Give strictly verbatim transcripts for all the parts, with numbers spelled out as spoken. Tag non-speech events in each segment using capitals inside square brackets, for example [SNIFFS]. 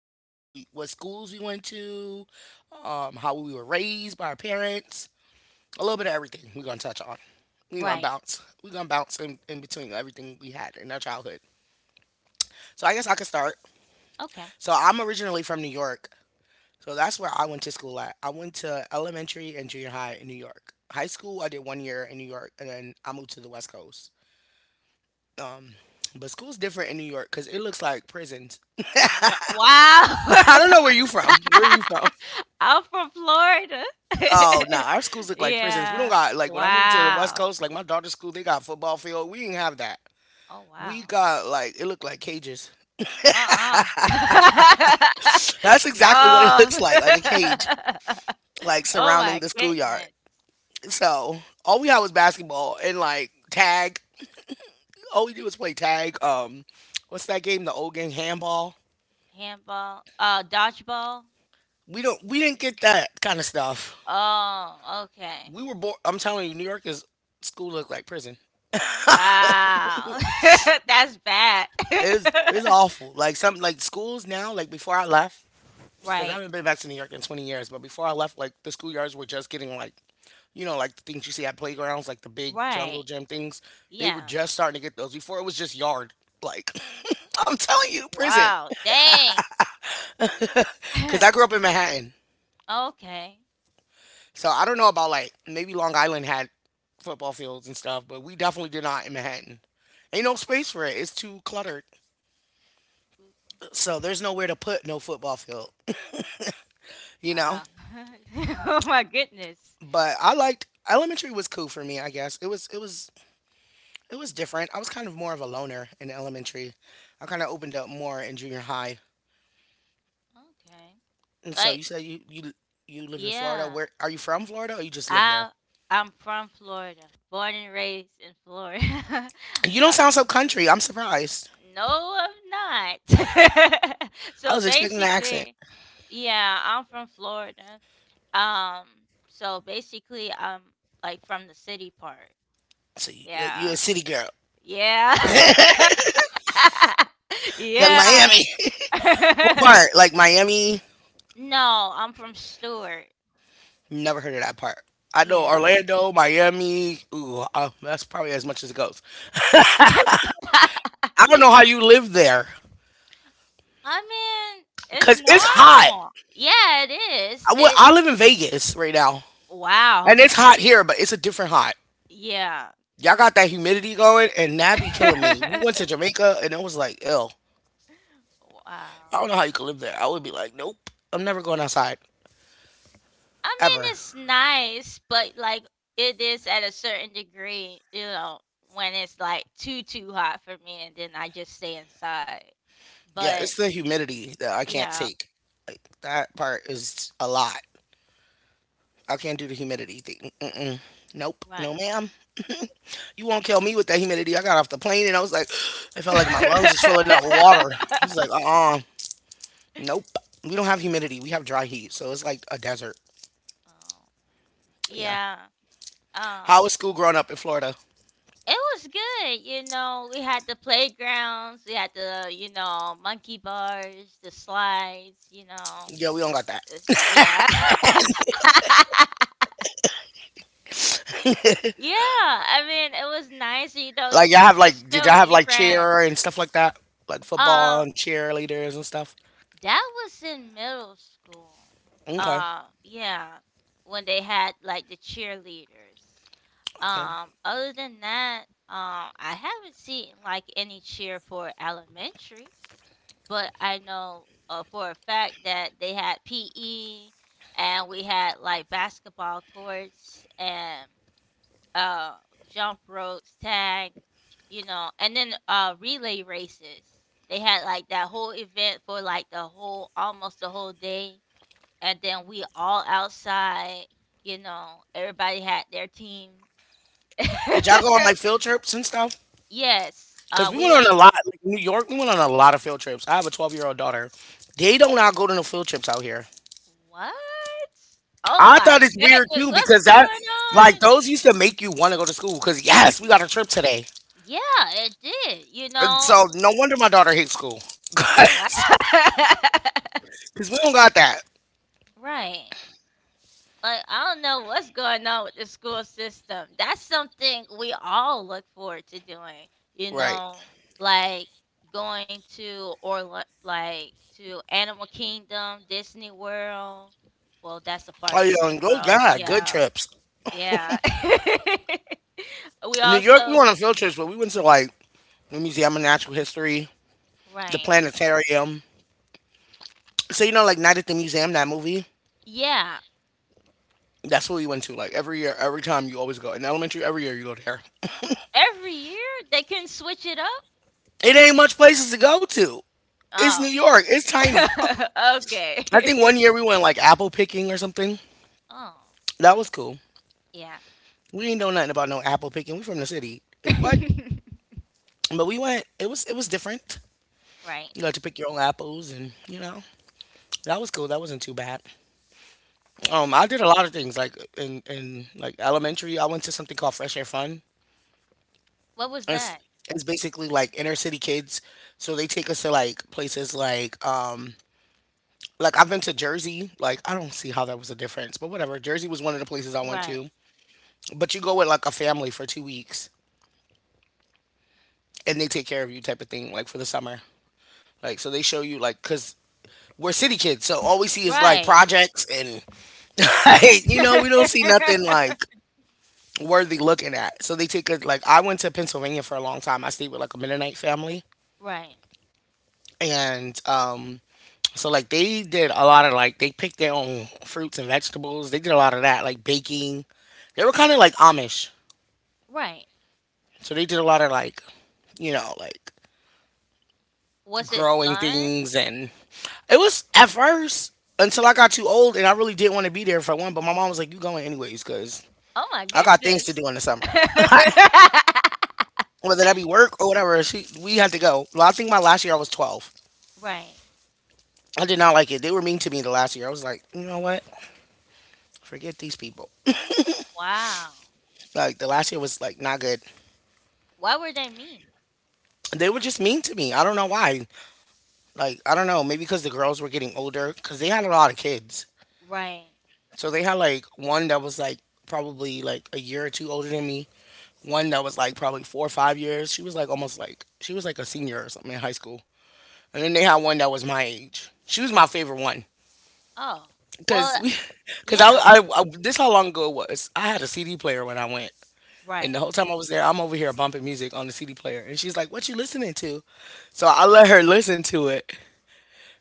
if how we what schools we went to, um, how we were raised by our parents, a little bit of everything. We're gonna touch on. We're gonna Right. bounce. We're gonna bounce in, in between everything we had in our childhood. So I guess I could start. Okay. So I'm originally from New York, so that's where I went to school at. I went to elementary and junior high in New York. High school, I did one year in New York, and then I moved to the West Coast. Um, but school's different in New York because it looks like prisons. [LAUGHS] I Ri- Wow. don't know where you from. Where are you from? [LAUGHS] I'm from Florida. Oh nah, our schools [LAUGHS] look like prisons. We don't Yeah. got like when I moved to the West Wow. Coast, like my daughter's school, they got football field. We didn't have that. Oh, We wow. got like it looked like cages. Uh-uh. [SNIFFS] That's [LAUGHS] exactly what it [LAUGHS] No. looks like, like a cage, like [LAUGHS] Oh, surrounding my the schoolyard. goodness. So all we had was basketball and like tag, all we do is play tag. Um, what's that game? The old game, handball. Handball. Uh, dodgeball. We don't. We didn't get that kind of stuff. Oh, okay. We were bored. I'm telling you, New York is school looked like prison. Wow. [LAUGHS] That's bad. It's [LAUGHS] it's awful. Like some like schools now. Like before I left, because Right. I haven't been back to New York in twenty years. But before I left, like the schoolyards were just getting like, you know, like the things you see at playgrounds, like the big jungle Right. gym things. They were Yeah. just starting to get those. Before it was just yard. Like [LAUGHS] I'm telling you, prison. Wow, dang. Because I [LAUGHS] grew up in Manhattan. Okay. So I don't know about like maybe Long Island had football fields and stuff, but we definitely did not in Manhattan. Ain't no space for it. It's too cluttered. So there's nowhere to put no football field, you Wow. know? [LAUGHS] Oh my goodness. But I liked elementary was cool for me, I guess. It was it was it was different. I was kind of more of a loner in elementary. I kind of opened up more in junior high. Okay. And so Like, you said you you you live in Florida. yeah. Where are you from Florida or you just live there? I I'm from Florida, born and raised in Florida. [LAUGHS] You don't Uh, sound so country. I'm surprised. no, I'm not. [LAUGHS] I So was expecting an accent. basically, yeah, I'm from Florida. Um, so basically, I'm like from the city part. So you, Yeah. you're a city girl. Yeah. [LAUGHS] Young Yeah. Miami. What [LAUGHS] part? Like Miami? No, I'm from Stewart. Never heard of that part. I know Yeah. Orlando, Miami. Ooh, uh, that's probably as much as it goes. [LAUGHS] I don't know how you live there I mean, it's because it's hot. normal. Yeah, it is. I, well, It I live in Vegas right now, and Wow. it's hot here, but it's a different hot. Yeah. Y'all got that humidity going, and that be killing me. We went to [LAUGHS] Jamaica, and it was like, ill. I Wow. don't know how you could live there. I would be like, nope, I'm never going outside I mean, ever. it's nice, but like it is at a certain degree, you know, when it's like too too hot for me and then I just stay inside. Yeah, But it's the humidity that I can't yeah, take. Like that part is a lot. I can't do the humidity thing. Mm-mm. Nope. right. No, ma'am. You won't kill me with that humidity. I got off the plane and I was like, [GASPS] I felt like my lungs was filling up with water. I was like, uh-uh. Nope. [LAUGHS] We don't have humidity. We have dry heat. So it's like a desert. Oh, Yeah. yeah. How Um was school growing up in Florida? It was good, you know. We had the playgrounds, we had the, you know, monkey bars, the slides, you know. Yeah, we don't got It's, that. yeah. [LAUGHS] [LAUGHS] Yeah, I mean, it was nice, you know, Like y'all you have just like did y'all chill with have your like friends. cheer and stuff like that? Like football Um, and cheerleaders and stuff? that was in middle school. Okay. Uh, yeah, when they had like the cheerleaders. Okay. Um, other than that, um, I haven't seen like any cheer for elementary. But I know, uh, for a fact that they had P E and we had like basketball courts and uh, jump ropes, tag, you know, and then uh, relay races. They had like that whole event for like the whole almost the whole day, and then we all outside. You know, everybody had their teams. Did y'all go on like field [LAUGHS] trips and stuff? Yes, Because uh, we we went on went. a lot, like New York, we went on a lot of field trips. I have a twelve year old daughter. They do not go to no field trips out here. What? Oh I thought my it's weird goodness, too what's because going that, like, on? those used to make you want to go to school because, yes, we got a trip today. Yeah, it did, you And know? so no wonder my daughter hates school. [LAUGHS] What? [LAUGHS] Because we don't got that. Right. Like, I don't know what's going on with the school system. That's something we all look forward to doing, you Right. know, like going to or li- like to Animal Kingdom, Disney World. Well, that's a Oh, part of yeah, Disney those, World. God, good Yeah. trips. Yeah. [LAUGHS] we In New York, we went on also field trips, but we went to, like, the Museum of Natural History, the Right. Planetarium. So, you know, like, Night at the Museum, that movie? Yeah. That's what we went to. Like, every year, every time you always go. In elementary, every year you go there. Every year they can switch it up? It ain't much places to go to. It's New Oh. York. It's tiny. [LAUGHS] I think Okay. one year we went like apple picking or something. [LAUGHS] Oh. That was cool. Yeah. We ain't know nothing about no apple picking. We from the city. Like what? [LAUGHS] But we went. It was it was different. Right. You got to pick your own apples, and you know that was cool. That wasn't too bad. Yeah. Um, I did a lot of things like in in like elementary. I went to something called Fresh Air Fun. What was It's that? it's basically like inner city kids. So they take us to like places like um like I've been to Jersey. Like I don't see how that was a difference, but whatever. Jersey was one of the places I went Right. to. But you go with like a family for two weeks, and they take care of you, type of thing, like for the summer. Like so they show you like because we're city kids, so all we see is like Right. projects and [LAUGHS] like, you know we don't see [LAUGHS] nothing like worthy looking at. So they take us like I went to Pennsylvania for a long time. I stayed with like a Mennonite family, Right. and um so like they did a lot of like they picked their own fruits and vegetables. They did a lot of that like baking. They were kind of like Amish. Right. So they did a lot of like, you know, like Was it growing fun? things and it was at first until I got too old and I really didn't want to be there for one, but my mom was like, you going anyways, cause Oh my I got things to goodness. do in the [LAUGHS] summer. Whether that be work or whatever, she we had to go. Well, I think my last year I was twelve. Right. I did not like it. They were mean to me the last year. I was like, you know what? Forget these people. Wow. Like the last year was like not good. Why were they mean? They were just mean to me. I don't know why. Like I don't know. Maybe because the girls were getting older. Cause they had a lot of kids. Right. So they had like one that was like probably like a year or two older than me. One that was like probably four or five years. She was like almost like she was like a senior or something in high school. And then they had one that was my age. She was my favorite one Oh. because Well, we [LAUGHS] because I, yeah. I, I this how long ago it was. I had a C D player when I went. And the Right. whole time I was there, I'm over here bumping music on the C D player. And she's like, what you listening to? So I let her listen to it.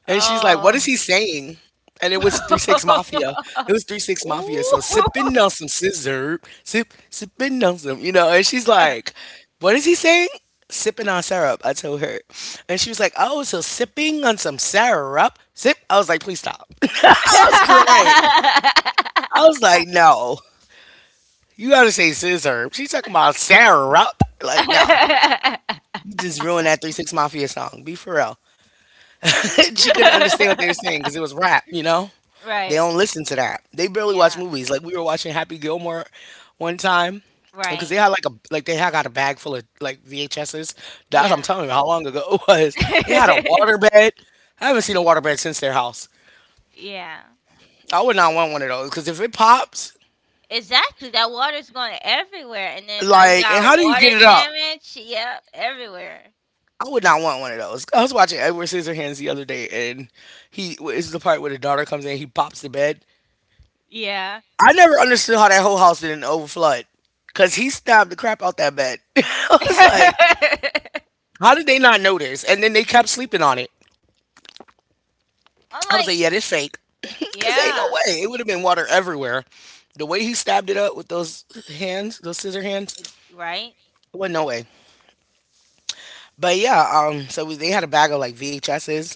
And she's like, "What Oh. is he saying?" And it was Three Six Mafia. [LAUGHS] It was Three Six Mafia. Ooh. So sipping on some scissor, sip sipping on some, you know. And she's like, "What is he saying?" Sipping on syrup. I told her, and she was like, "Oh, so sipping on some syrup, sip." I was like, "Please stop." [LAUGHS] I was crying. [LAUGHS] I was like, "No, you gotta say scissor." She's talking about syrup. Like, no, you just ruined that Three Six Mafia song. Be for real. [LAUGHS] She couldn't understand what they were saying because it was rap, you know? They Right. don't listen to that. They barely watch Yeah. movies. Like we were watching Happy Gilmore one time because Right. they had like a like they had got a bag full of like V H Ses. That's I'm Yeah. telling you how long ago it was. They had a [LAUGHS] waterbed. I haven't seen a waterbed since their house. Yeah. I would not want one of those because if it pops, Exactly. That water's going everywhere. And then now you like, and got how do you water get it up? damage. Yep. Everywhere. I would not want one of those. I was watching Edward Scissorhands the other day, and he is the part where the daughter comes in, he pops the bed, Yeah. I never understood how that whole house didn't overflood. Cause he stabbed the crap out that bed. [LAUGHS] I was like, [LAUGHS] how did they not notice? And then they kept sleeping on it. I'm I was like, like, yeah, this fake. [LAUGHS] Cause ain't no yeah. way. It would have been water everywhere. The way he stabbed it up with those hands, those scissor hands, Right. it wasn't no way. But yeah, um, so we, they had a bag of like V H Ss,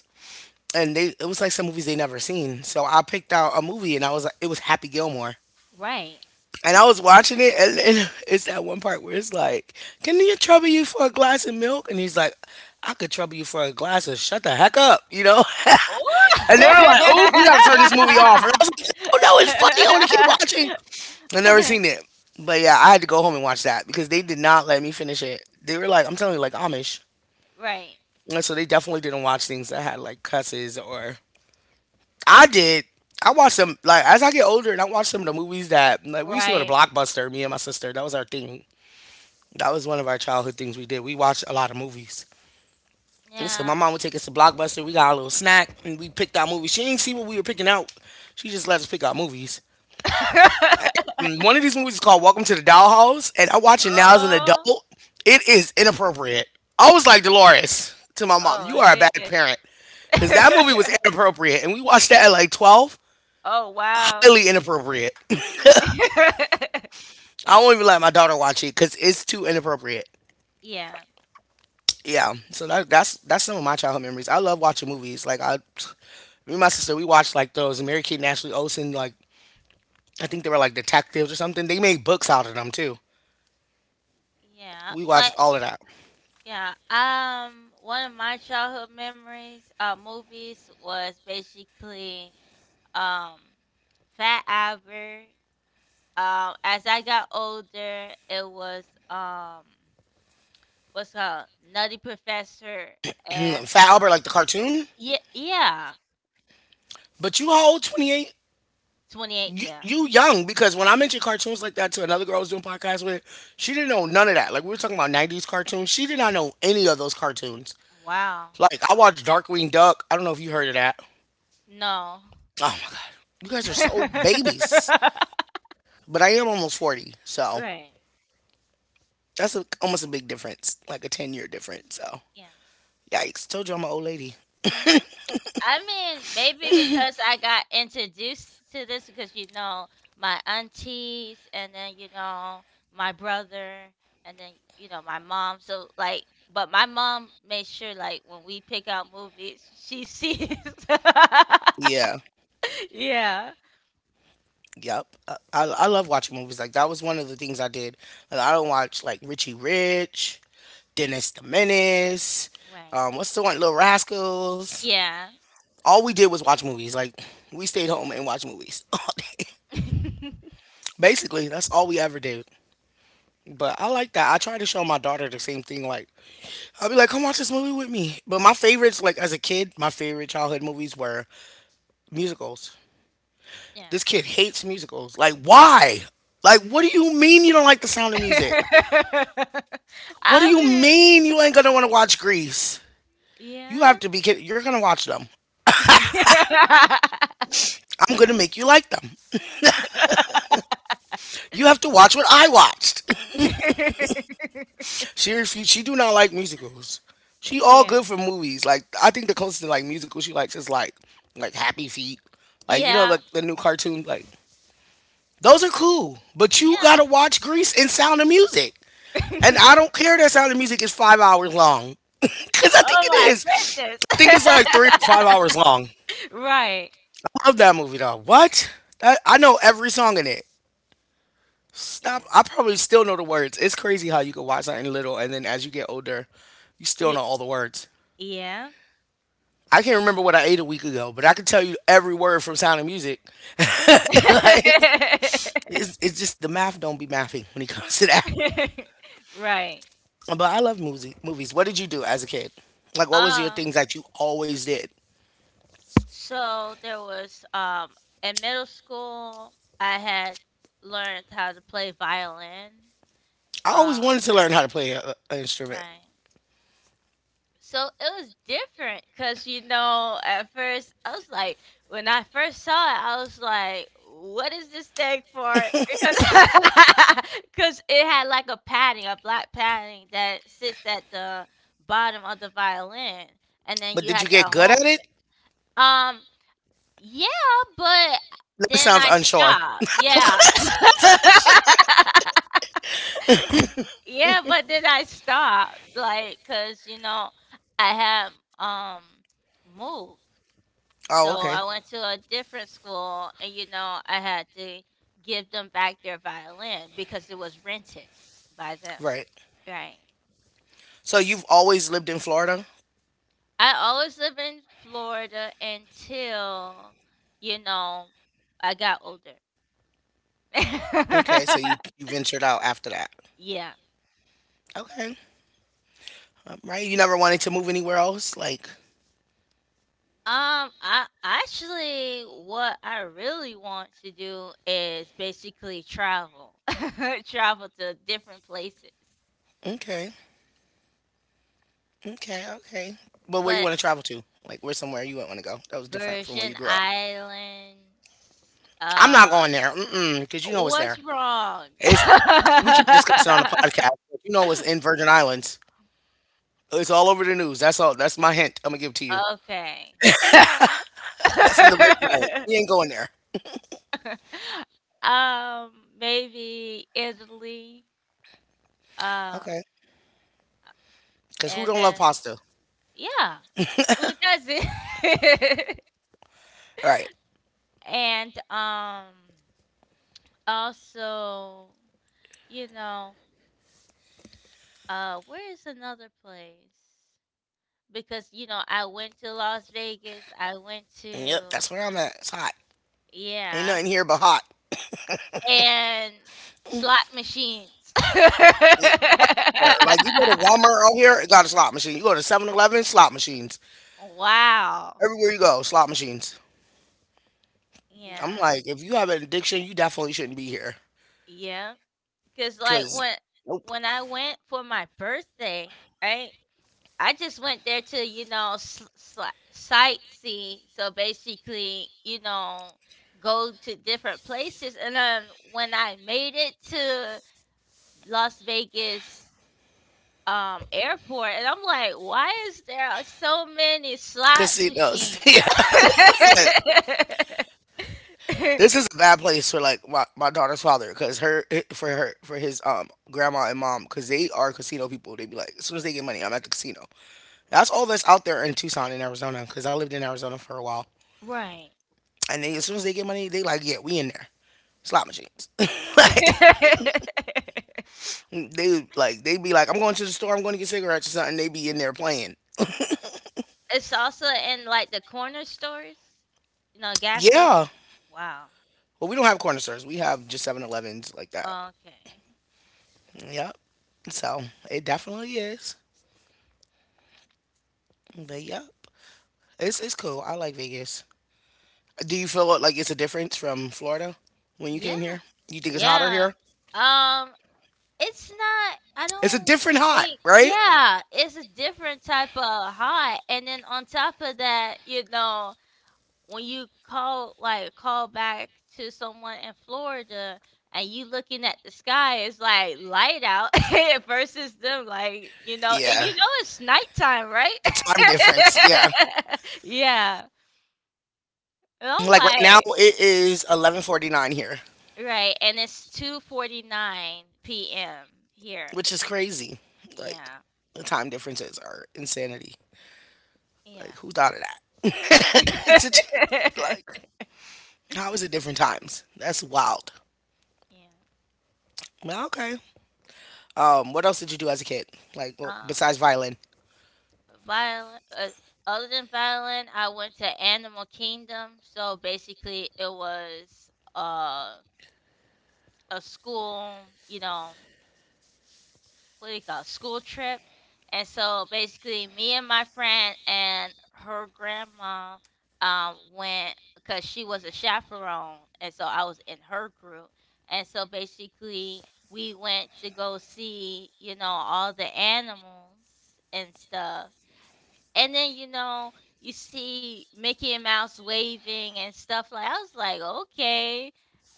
and they it was like some movies they never seen. So I picked out a movie, and I was like, it was Happy Gilmore. Right. And I was watching it, and, and it's that one part where it's like, "Can you trouble you for a glass of milk?" And he's like, "I could trouble you for a glass of shut the heck up," you know. Ooh. [LAUGHS] And they were like, [LAUGHS] "Oh, we gotta turn this movie off." And I was like, "Oh no, it's funny. I want to keep watching." I never seen it, but yeah, I had to go home and watch that because they did not let me finish it. They were like, "I'm telling you, like Amish," Right. and so they definitely didn't watch things that had like cusses or I did. I watched some like as I get older, and I watched some of the movies that like we used to go to Right. Blockbuster, me and my sister. That was our thing. That was one of our childhood things we did. We watched a lot of movies. And so my Yeah. mom would take us to Blockbuster. We got a little snack and we picked out movies. She didn't see what we were picking out. She just let us pick out movies. Um, [LAUGHS] One of these movies is called Welcome to the Dollhouse, and I watch it now as an Oh, adult. It is inappropriate. I was like Dolores to my mom, oh "You my are a bad goodness. parent," because that movie was [LAUGHS] inappropriate, and we watched that at like twelve. Oh, wow. Highly inappropriate. [LAUGHS] [LAUGHS] I won't even let my daughter watch it because it's too inappropriate. Yeah, Yeah, so that, that's that's some of my childhood memories. I love watching movies. Like i me and my sister, we watched like those Mary Kate and Ashley Olsen, like I think they were like detectives or something. They made books out of them too. yeah, We like watched all of that. yeah. Um, one of my childhood memories, uh, movies was basically um, Fat Albert. Um, as I got older, it was um, what's it called, Nutty Professor, Hmm, and Fat Albert, um, like the cartoon? yeah, yeah, But you, how old, twenty eight? twenty eight. you, Yeah, you young, because when I mentioned cartoons like that to another girl I was doing podcasts with, she didn't know none of that. Like, we were talking about nineties cartoons, she did not know any of those cartoons. wow. Like, I watched Darkwing Duck. I don't know if you heard of that. No. Oh my god, you guys are so babies. [LAUGHS] But I am almost forty, so Right. that's a, almost a big difference, like a ten year difference. So, Yeah. yikes. Told you I'm an old lady. I mean, maybe because I got introduced to this because you know my aunties and then you know my brother and then you know my mom. So like, but my mom made sure like when we pick out movies, she sees. Yeah. [LAUGHS] Yeah. Yep. I, I I love watching movies. Like, that was one of the things I did. Like, I don't watch, like, Richie Rich, Dennis the Menace, Right. um, what's the one? Little Rascals. Yeah. All we did was watch movies. Like, we stayed home and watched movies [LAUGHS] all day. [LAUGHS] Basically, that's all we ever did. But I like that. I try to show my daughter the same thing. Like, I'll be like, come watch this movie with me. But my favorites, like as a kid, my favorite childhood movies were musicals. Yeah. This kid hates musicals. Like, why? Like, what do you mean you don't like the Sound of Music? [LAUGHS] What do you I mean you ain't gonna wanna watch Grease? You have mean, to be kidding. You're gonna watch them. yeah. I'm gonna make you like them. [LAUGHS] You have to watch what I watched. [LAUGHS] [LAUGHS] She refused. She do not like musicals. She all Yeah. good for movies. Like, I think the closest to like musical she likes is like like Happy Feet. Like you know, Yeah. like the new cartoon, like those are cool, but you Yeah. gotta watch Grease and Sound of Music. And I [LAUGHS] don't care that Sound of Music is five hours long, [LAUGHS] because I think Oh it my is. goodness. I think it's like three or five hours long. [LAUGHS] Right. Love that movie though. What? That, I know every song in it. Stop. Yeah. I probably still know the words. It's crazy how you can watch something little and then as you get older, you still Y- know all the words. Yeah. I can't remember what I ate a week ago, but I can tell you every word from Sound of Music. [LAUGHS] Like, [LAUGHS] it's, it's just the math don't be mathing when it comes to that. Right. But I love movie, movies. What did you do as a kid? Like, what was your Um, things that you always did? so there was um in middle school I had learned how to play violin. I always Uh, wanted to learn how to play a, an instrument, right. So it was different because you know at first I was like when I first saw it I was like what is this thing for because [LAUGHS] because it had like a padding a black padding that sits at the bottom of the violin and then but you did had you to get good at hold it? it um yeah, but That then sounds I unsure. stopped, yeah. [LAUGHS] Yeah, but then I stopped, like, cause you know, I have um, moved. Oh, So okay, I went to a different school and, you know, I had to give them back their violin because it was rented by them, right. right? So you've always lived in Florida. I always live in Florida until, you know, I got older. Okay, so you [LAUGHS] you ventured out after that. Yeah. Okay. Um, right. You never wanted to move anywhere else. Like, Um, I actually, what I really want to do is basically travel, [LAUGHS] travel to different places, okay, okay, okay. But where you but want to travel to? Like, where somewhere you wouldn't want to go? That was different from where you Virgin grew up. Islands. I'm not Uh, going there. Mm-mm, cause you know it's there. what's wrong? It's we can't discuss it on the [LAUGHS] podcast. But you know, it's in Virgin Islands. It's all over the news. That's all. That's my hint. I'm gonna give it to you. Okay. That's in the Virgin Islands. We ain't [LAUGHS] going there. um, Maybe Italy. Um, Okay. Cause who and don't love uh, pasta? yeah, who doesn't? [LAUGHS] All right. And um also, you know, uh where is another place? Because you know, I went to Las Vegas, I went Yep. to That's where I'm at. It's hot. Ain't yeah, nothing here but hot. and slot machines. [LAUGHS] Yeah, everywhere. Like you go to Walmart out here, it got a slot machine. You go to Seven Eleven, slot machines. Wow. Everywhere you go, slot machines. I'm Yeah. like, if you have an addiction, you definitely shouldn't be here. Yeah. Cuz like Cause when nope. when I went for my birthday, right? I just went there to, you know, s sli sightsee. So basically, you know, go to different places. And then when I made it to Las Vegas um, airport, and I'm like, why is there so many slot Casinos. [LAUGHS] machines? Yeah. [LAUGHS] It's like, [LAUGHS] this is a bad place for like my, my daughter's father, because her eh, for her for his um grandma and mom, because they are casino people. They be like, as soon as they get money, I'm at the casino. That's all that's out there in Tucson in Arizona, because I lived in Arizona for a while. Right. And they, as soon as they get money, they like, yeah, we in there slot machines. [LAUGHS] Like, [LAUGHS] they like, they be like, I'm going to the store. I'm going to get cigarettes or something. They be in there playing. It's also in like the corner stores, you know, gas station. Yeah. Wow. Well, we don't have corner stores. We have just Seven Elevens like that. Okay. Yep. So it definitely is. But yep, it's it's cool. I like Vegas. Do you feel like it's a difference from Florida when you Yeah. came here? You think it's hotter Yeah. here? Um, it's not I It's a don't different hot, think, right? yeah, it's a different type of high. And then on top of that, you know, when you call like call back to someone in Florida and you looking at the sky, it's like light out [LAUGHS] versus them like, you know, and Yeah. you know it's nighttime, right? The time difference. Yeah. [LAUGHS] Yeah. And I'm Like right now like, it is eleven forty-nine here, right, and it's two forty nine p m here. which is crazy. Like Yeah. the time differences are insanity. Like Yeah. who thought of that? [LAUGHS] [LAUGHS] It's a, like how is it different times? That's wild. Yeah. Well, okay. Um, what else did you do as a kid? Like well, Um, besides violin? Violin. Uh, other than violin, I went to Animal Kingdom. So basically, it was uh a school. You know. What do you call it, school trip. And so basically, me and my friend and her grandma um, went because she was a chaperone. And so I was in her group. And so basically, we went to go see, you know, all the animals and stuff. And then, you know, you see Mickey and Mouse waving and stuff like I was like, okay.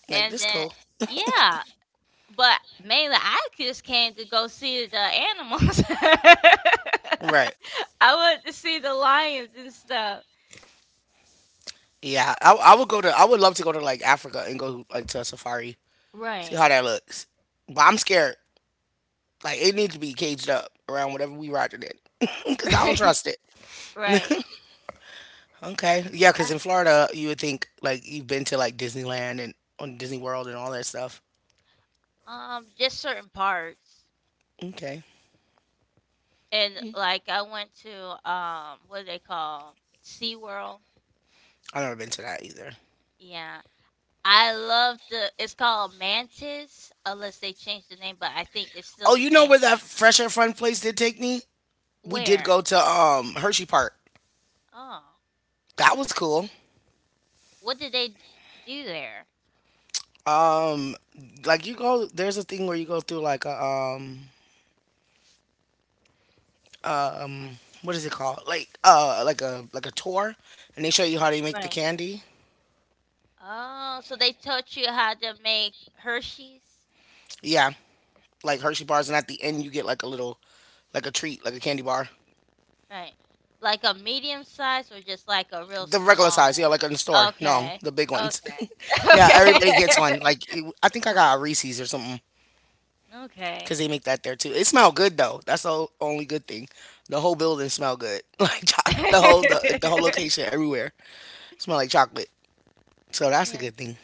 Like And this then, cool. yeah. But mainly, I just came to go see the animals. [LAUGHS] Right. I want to see the lions and stuff. Yeah, I, I would go to. I would love to go to like Africa and go like to a safari, see how Right. that looks. But I'm scared. Like it needs to be caged up around whatever we riding in, [LAUGHS] because I don't [LAUGHS] trust it. Right. Okay, yeah, because I- in Florida you would think like you've been to like Disneyland and on Disney World and all that stuff. Um, just certain parts. Okay, And like I went to um what do they call? SeaWorld. I've never been to that either. Yeah. I love the, it's called Mantis, unless they changed the name, but I think it's still Oh, the you know same where that name. fresh air fun place did take me? We did Where? go to um Hershey Park. Oh. That was cool. What did they d- do there? Um, like you go, there's a thing where you go through like a um uh, um, what is it called? Like uh, like a like a tour, and they show you how they make Right. the candy. Oh, so they taught you how to make Hershey's? Yeah, like Hershey bars, and at the end you get like a little, like a treat, like a candy bar. Right. Like a medium size or just like a real The regular size, yeah, small? like in the store. No, Okay. the big ones. [LAUGHS] Okay. [LAUGHS] Yeah, everybody gets one. Like it, I think I got a Reese's or something because Okay. they make that there too. It smelled good though. That's the o- only good thing. The whole building smelled good, [LAUGHS] like chocolate. The Okay. whole the, the whole [LAUGHS] location everywhere smelled like chocolate. So that's a Yeah. good thing.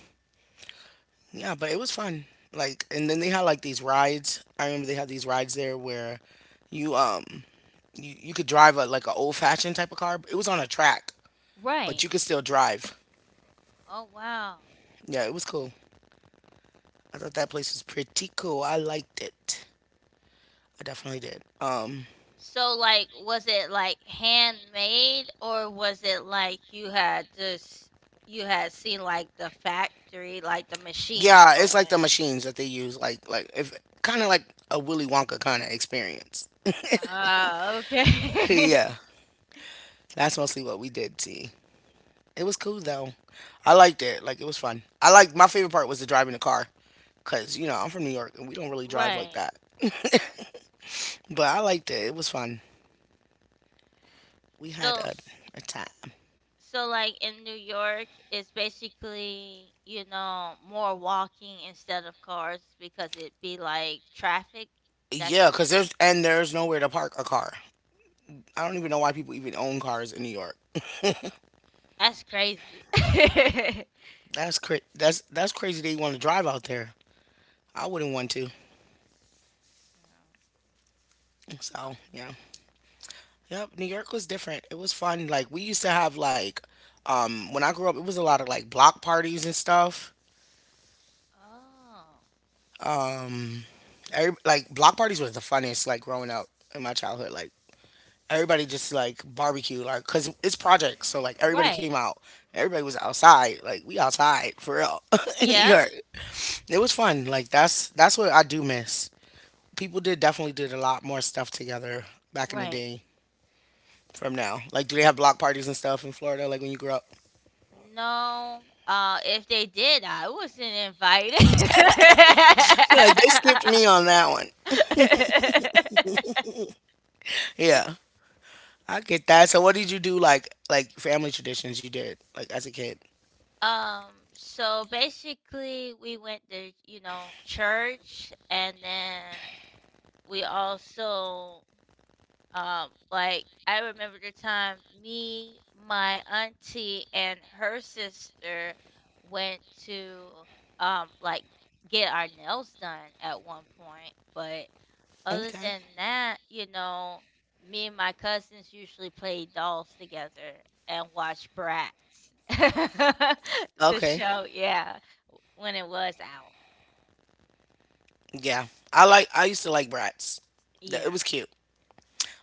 Yeah, but it was fun. Like, and then they had like these rides. I remember they had these rides there where you um you, you could drive a like a old fashioned type of car. It was on a track, but Right. you could still drive. Oh wow. Yeah, it was cool. I thought that S- place was pretty cool. I liked it. I definitely did. Um, So like was it like handmade or was it like you had just you had seen like the factory, like the machines yeah, it's like the going? machines that they use, like like if kind of like a Willy Wonka kind of experience. Ah, okay. [LAUGHS] Yeah, that's mostly what we did. See. It was cool though. I liked it. Like it was fun. I liked my favorite part was the driving the car, cause you know I'm from New York and we don't [LAUGHS] really drive like Right. that. [LAUGHS] But I liked it. It was fun. We had So a, a time. so like in New York, it's basically, you know, more walking instead of cars because it be like traffic. That's the Yeah, cause reason. there's and there's nowhere to park a car. I don't even know why people even own cars in New York. That's crazy. [LAUGHS] That's cra- that's that's crazy. They want to drive out there. I wouldn't want to. Yeah. Uh, So yeah, yep. New York was different. It was fun. Like we used to have like, um, When I grew up, it was a lot of like block parties and stuff. Oh. Um every, like Block parties was the funnest like growing up in my childhood, like everybody just like barbecue, like because it's projects, so like everybody came Right. out, everybody was outside. Like we outside for real [LAUGHS] in New Yeah. York. It was fun. Like that's that's what I do miss. People did definitely did a lot more stuff together back in the Right. day. From now, like, do they have block parties and stuff in Florida like when you grew up? No. Uh if they did, I wasn't invited. [LAUGHS] Yeah, like they skipped me on that one. [LAUGHS] Yeah, I get that. So what did you do like like family traditions you did like as a kid? Um, so basically we went to, you know, church and then we also um, like I remember the time me, my auntie, and her sister went to um like get our nails done at one point, but other Okay. than that, you know, me and my cousins usually play dolls together and watch Bratz, [LAUGHS] the Okay. show. Yeah, when it was out. Yeah. I like I used to like Bratz. Th- It Yeah. was cute.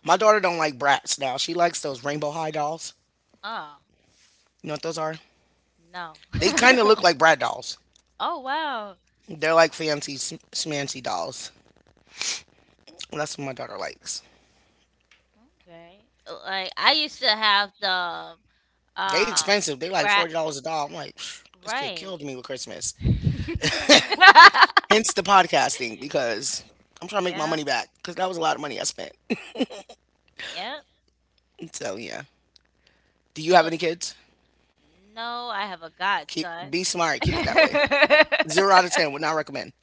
My daughter don't like Bratz now. She likes those Rainbow High dolls. Oh You know what those are? no. They kind of look like Brat dolls. [LAUGHS] Oh wow. They're like fancy sm- smancy dolls. That's what my daughter likes. Okay. Uh, Like I used to have the um They uh, expensive. They like brat, forty dollars a doll. I'm like, "Phew, this kid killed right. me with Christmas." [LAUGHS] Hence the podcasting, because I'm trying to make my Yeah. money back because that was a lot of money I spent. [LAUGHS] Yeah. So yeah. Do you have any Well, kids? no, I have a Keep godson. be smart. Keep it that way. Zero out [LAUGHS] of ten. Would not recommend.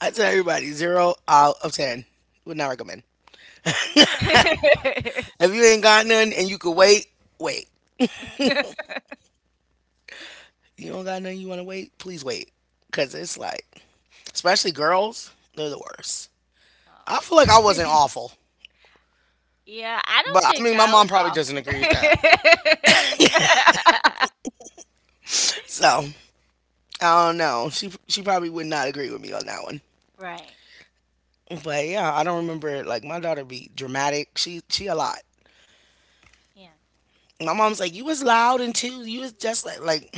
I tell everybody zero out of ten. Would not recommend. If you ain't got none and you could wait, wait. Oh. [LAUGHS] You don't got none, you want to wait, please wait. Cause it's like, especially girls, they're the worst. I feel like I wasn't awful, Yeah, I don't but I think mean, my I mom was probably awful. doesn't agree with that. So I don't know. She she probably would not agree with me on that one. [LAUGHS] Right. But yeah, I don't remember. it. Like my daughter be dramatic. She she a lot. Yeah. My mom's like, you was loud and too. You was just like like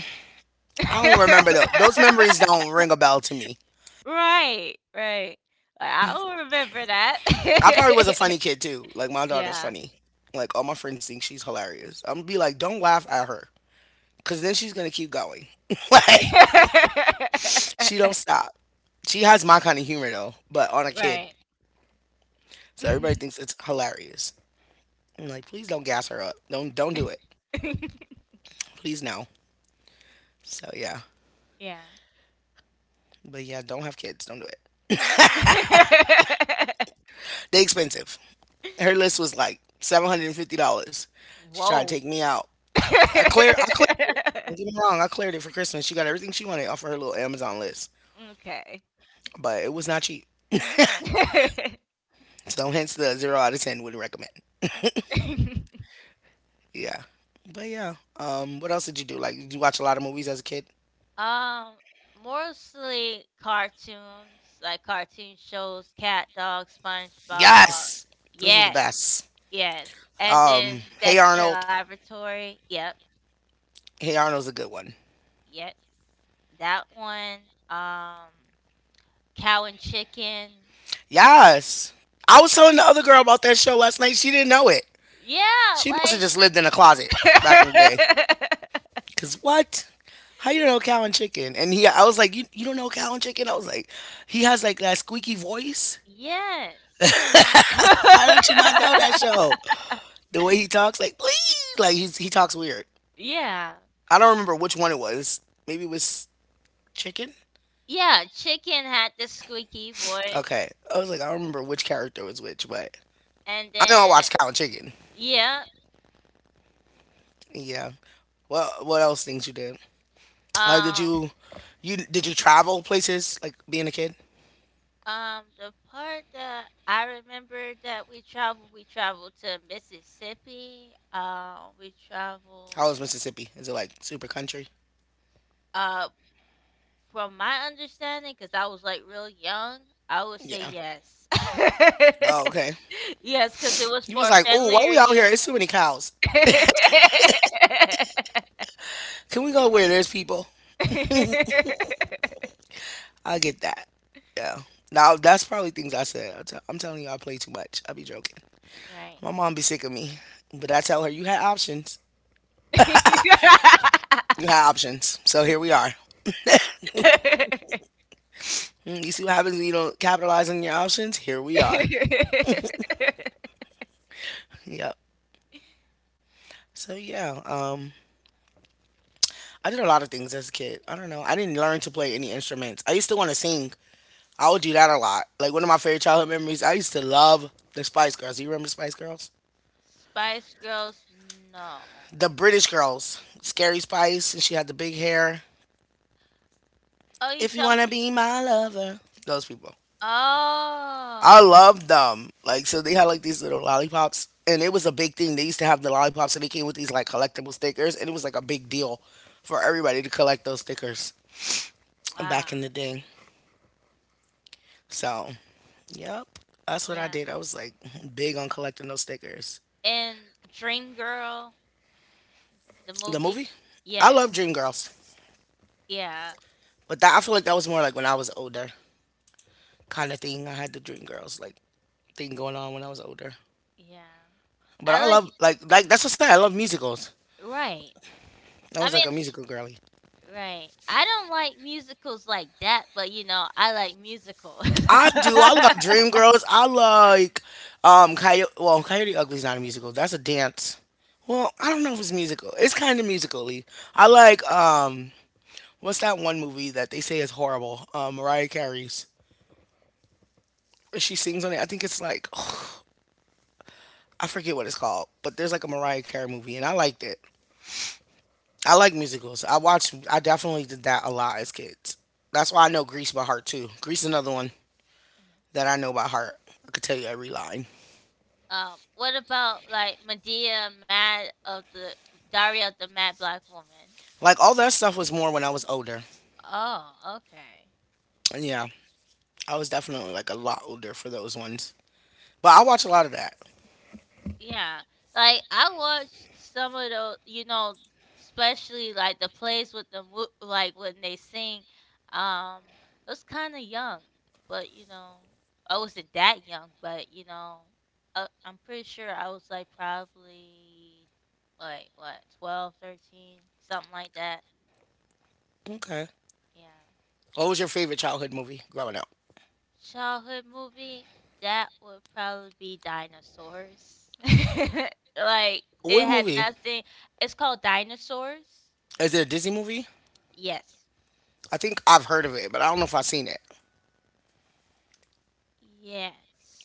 I don't remember though. Those memories [LAUGHS] don't ring a bell to me. Right, right. Like, I'll remember that. I probably was a funny [LAUGHS] kid too. Like my daughter's Yeah. funny. Like all my friends think she's hilarious. I'm gonna be like, don't laugh at her, cause then she's gonna keep going. [LAUGHS] Like she [LAUGHS] don't stop. She has my kind of humor though, but on a kid, Right. so everybody [LAUGHS] thinks it's hilarious. I'm like, please don't gas her up. Don't don't do it. Please no. So yeah, Yeah. but yeah, don't have kids. Don't do it. They expensive. Her [LAUGHS] list was like seven hundred and fifty dollars. She tried to Whoa. take me out. [LAUGHS] I cleared. I cleared. Don't get me wrong. I cleared it for Christmas. She got everything she wanted off of her little Amazon list, Okay. but it was not cheap. [LAUGHS] So [LAUGHS] hence the zero out of ten, wouldn't recommend. Yeah, but yeah. Um, what else did you do? Like, did you watch a lot of movies as a kid? Um, Mostly cartoons, like cartoon shows, Cat, Dog, SpongeBob. Yes, those are the Yes, best. yes. And Um, then Hey Dexter Arnold. Laboratory, yep. Hey Arnold's a good one. Yes, that one, um, cow and chicken. Yes, I was telling the other girl about that show last night. She didn't know it. Yeah, She must have like just lived in a closet back in the day. [LAUGHS] Cause what? How you don't know Cow and Chicken? And he, I was like, you, you don't know Cow and Chicken? I was like, he has like that squeaky voice. Yes. How don't you not know that show? [LAUGHS] The way he talks, like please, like he's, he talks weird. Yeah. I don't remember which one it was. Maybe it was Chicken. Yeah, chicken had the squeaky voice, Okay, I was like, I don't remember which character was which, but and I know I then watched Cow and Chicken. yeah, Yeah. Well, what else things you did? Uh, did um, you you did you travel places like being a kid? um, the part that I remember that we traveled, we traveled to Mississippi. Uh, we How traveled. was Mississippi? Is it like super country? Uh, From my understanding, because I was, like, real young, I would say Yeah. yes. [LAUGHS] Oh, okay. Yes, because it was You was for a like, oh, family why we out here? reunion. It's too many cows. [LAUGHS] Can we go where there's people? I get that. Yeah. Now that's probably things I said. i t- I'm telling you, I play too much. I be joking. Right. My mom be sick of me, but I tell her you had options. You [LAUGHS] had options, so here we are. Mm. You see what happens when you don't capitalize on your options? Here we are. Yep. So yeah, um, I did a lot of things as a kid. I don't know. I didn't learn to play any instruments. I used to want to sing. I would do that a lot. Like one of my favorite childhood memories, I used to love the Spice Girls. Do you remember the Spice Girls? Spice Girls, no. The British girls, Scary Spice, and she had the big hair. Oh, you If you talking. wanna be my lover, those people. I Oh, love them. Like, so they had like these little lollipops and it was a big thing. They used to have the lollipops and they came with these like collectible stickers and it was like a big deal for everybody to collect those stickers wow. back in the day. So, yep. That's what I Yeah. did. I was like big on collecting those stickers. And Dream Girl, the The movie? movie? I Yes. love Dreamgirls. Yeah. But that, I feel like that was more like when I was older kind of thing. I had the Dreamgirls like thing going on when I was older. Yeah. But I I like love like like that's what I said. I love musicals. Right. I I was like mean, a musical girly. right. I don't like musicals like that, but you know, I like musicals. [LAUGHS] I do. I love Dreamgirls. I like um Coyote. Well, Coyote Ugly's not a musical. That's a dance. Well, I don't know if it's musical. It's kind of musically. I like um what's that one movie that they say is horrible? Um, Mariah Carey's. She sings on it. I think Um, it's like [SIGHS] I forget what it's called, but there's like a Mariah Carey movie, and I liked it. I like musicals. I watched. I definitely did that a lot as kids. That's why I know Grease by heart too. Grease is another one that yeah. I know by heart. I could tell you every line. Um, what about like Medea Mad of the Diary of the Mad Black Woman? Like all that stuff was more when I was older. Oh, okay. And yeah, I was definitely like a lot older for those ones. But I watch a lot of that. Yeah, like I watched some of those, you know, especially like the plays with the mo- like when they sing. Um, I was kind of young, but you know, I wasn't that young, but you know, I, I'm pretty sure I was like probably like what twelve, thirteen, something like that. Okay. Yeah. What was your favorite childhood movie growing up? Childhood movie, that would probably be Dinosaurs. [LAUGHS] Like, it What had movie? nothing it's called Dinosaurs? Is it a Disney movie? Yes. I think I've heard of it, but I don't know if I've seen it.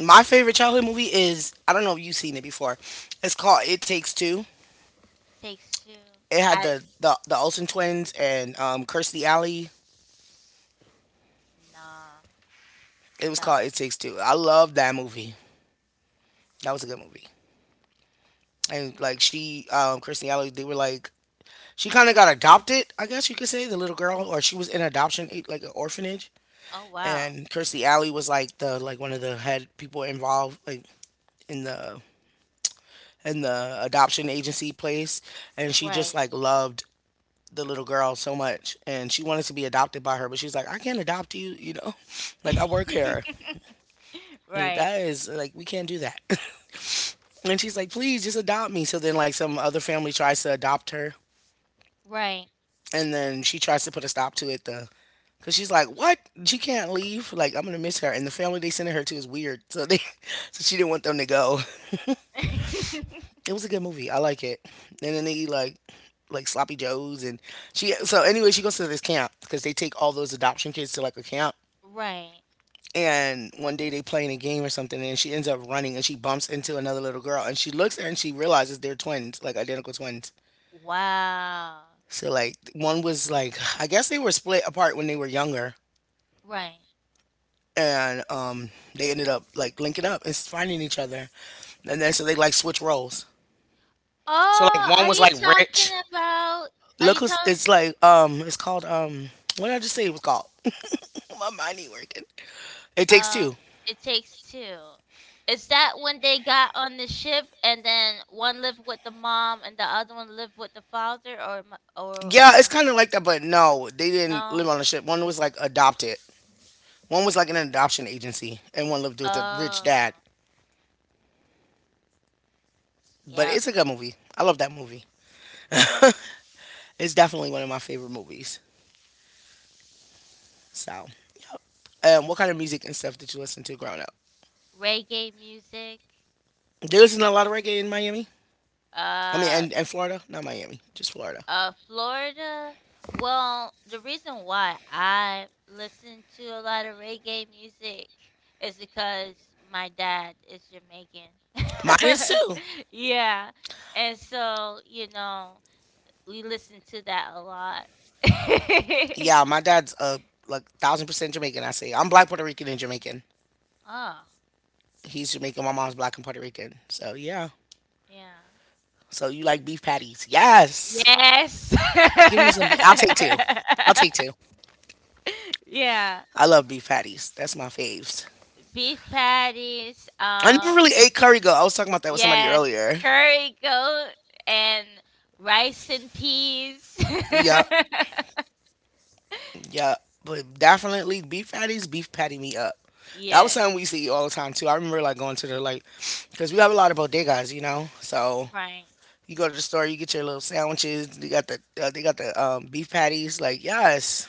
My favorite childhood movie is, I don't know if you've seen it before. It's called It Takes Two. Takes Two. It had I the the, the Olsen twins and um, Kirstie Alley. Nah. It was called No. It Takes Two. I love that movie. That was a good movie. And Yeah. like she, um, Kirstie Alley, they were like she kind of got adopted, I guess you could say, the little girl, or she was in adoption, eh, like an orphanage. Oh wow. And Kirstie Alley was like the like one of the head people involved, like in the in the adoption agency place, and she just Right. like loved the little girl so much, and she wanted to be adopted by her, but she's like, I can't adopt you, you know, [LAUGHS] like I work here. [LAUGHS] Like, Right. that is like we can't do that. [LAUGHS] And she's like, please just adopt me. So then like some other family tries to adopt her, Right. and then she tries to put a stop to it. The Cause she's like, what? She can't leave. Like, I'm gonna miss her. And the family they sending her to is weird. So they, [LAUGHS] so she didn't want them to go. [LAUGHS] It was a good movie. I like it. And then they eat like, like sloppy joes. And she. So anyway, she goes to this camp because they take all those adoption kids to like a camp. Right. And one day they playing a game or something, and she ends up running and she bumps into another little girl, and she looks at her and she realizes they're twins, like identical twins. Wow. So like one was like, I guess they were split apart when they were younger, Right. and um, they ended up like linking up and finding each other, and then so they like switch roles. So Oh, like are one you was like talking rich. about, are you Look, who's, talking it's like um, it's called um, what did I just say it was called? [LAUGHS] My mind ain't working. It takes Uh, two. It Takes Two. Is that when they got on the ship and then one lived with the mom and the other one lived with the father, or mo- or Yeah, it's uh, kind of like that, but no, they didn't no? live on the ship. One was like adopted. One was like in an adoption agency, and one lived with a rich dad. Oh, But yeah, it's a good movie. I love that movie. It's definitely one of my favorite movies. So, yep. Um, what kind of music and stuff did you listen to growing up? reggae music. There isn't a lot of reggae in Miami. I mean, Uh, and, and Florida, not Miami, just Florida. Uh, Florida. Well, the reason why I listen to a lot of reggae music is because my dad is Mine is Jamaican. too. [LAUGHS] Yeah. And so, you know, we listen to that a lot. [LAUGHS] Yeah, my dad's uh like thousand percent Jamaican. I say I'm black Puerto Rican and Jamaican. Oh, He's Jamaican. My mom's black and Puerto Rican. So yeah. yeah. So you like beef patties? Yes. Yes. Give me some. I'll take two. I'll take two. [LAUGHS] Yeah. I love beef patties. That's my faves. Beef patties. I never Um really ate curry goat. I was talking about that with somebody Yes, earlier. curry goat and rice and peas. Yeah, [LAUGHS] yeah, but definitely beef patties, beef patty me up. That was Yes, something we used to eat all the time too. I remember like going to the like, because we have a lot of bodegas, you know. So right. you go to the store, you get your little sandwiches. They got the uh, they got the um, beef patties. Like yes,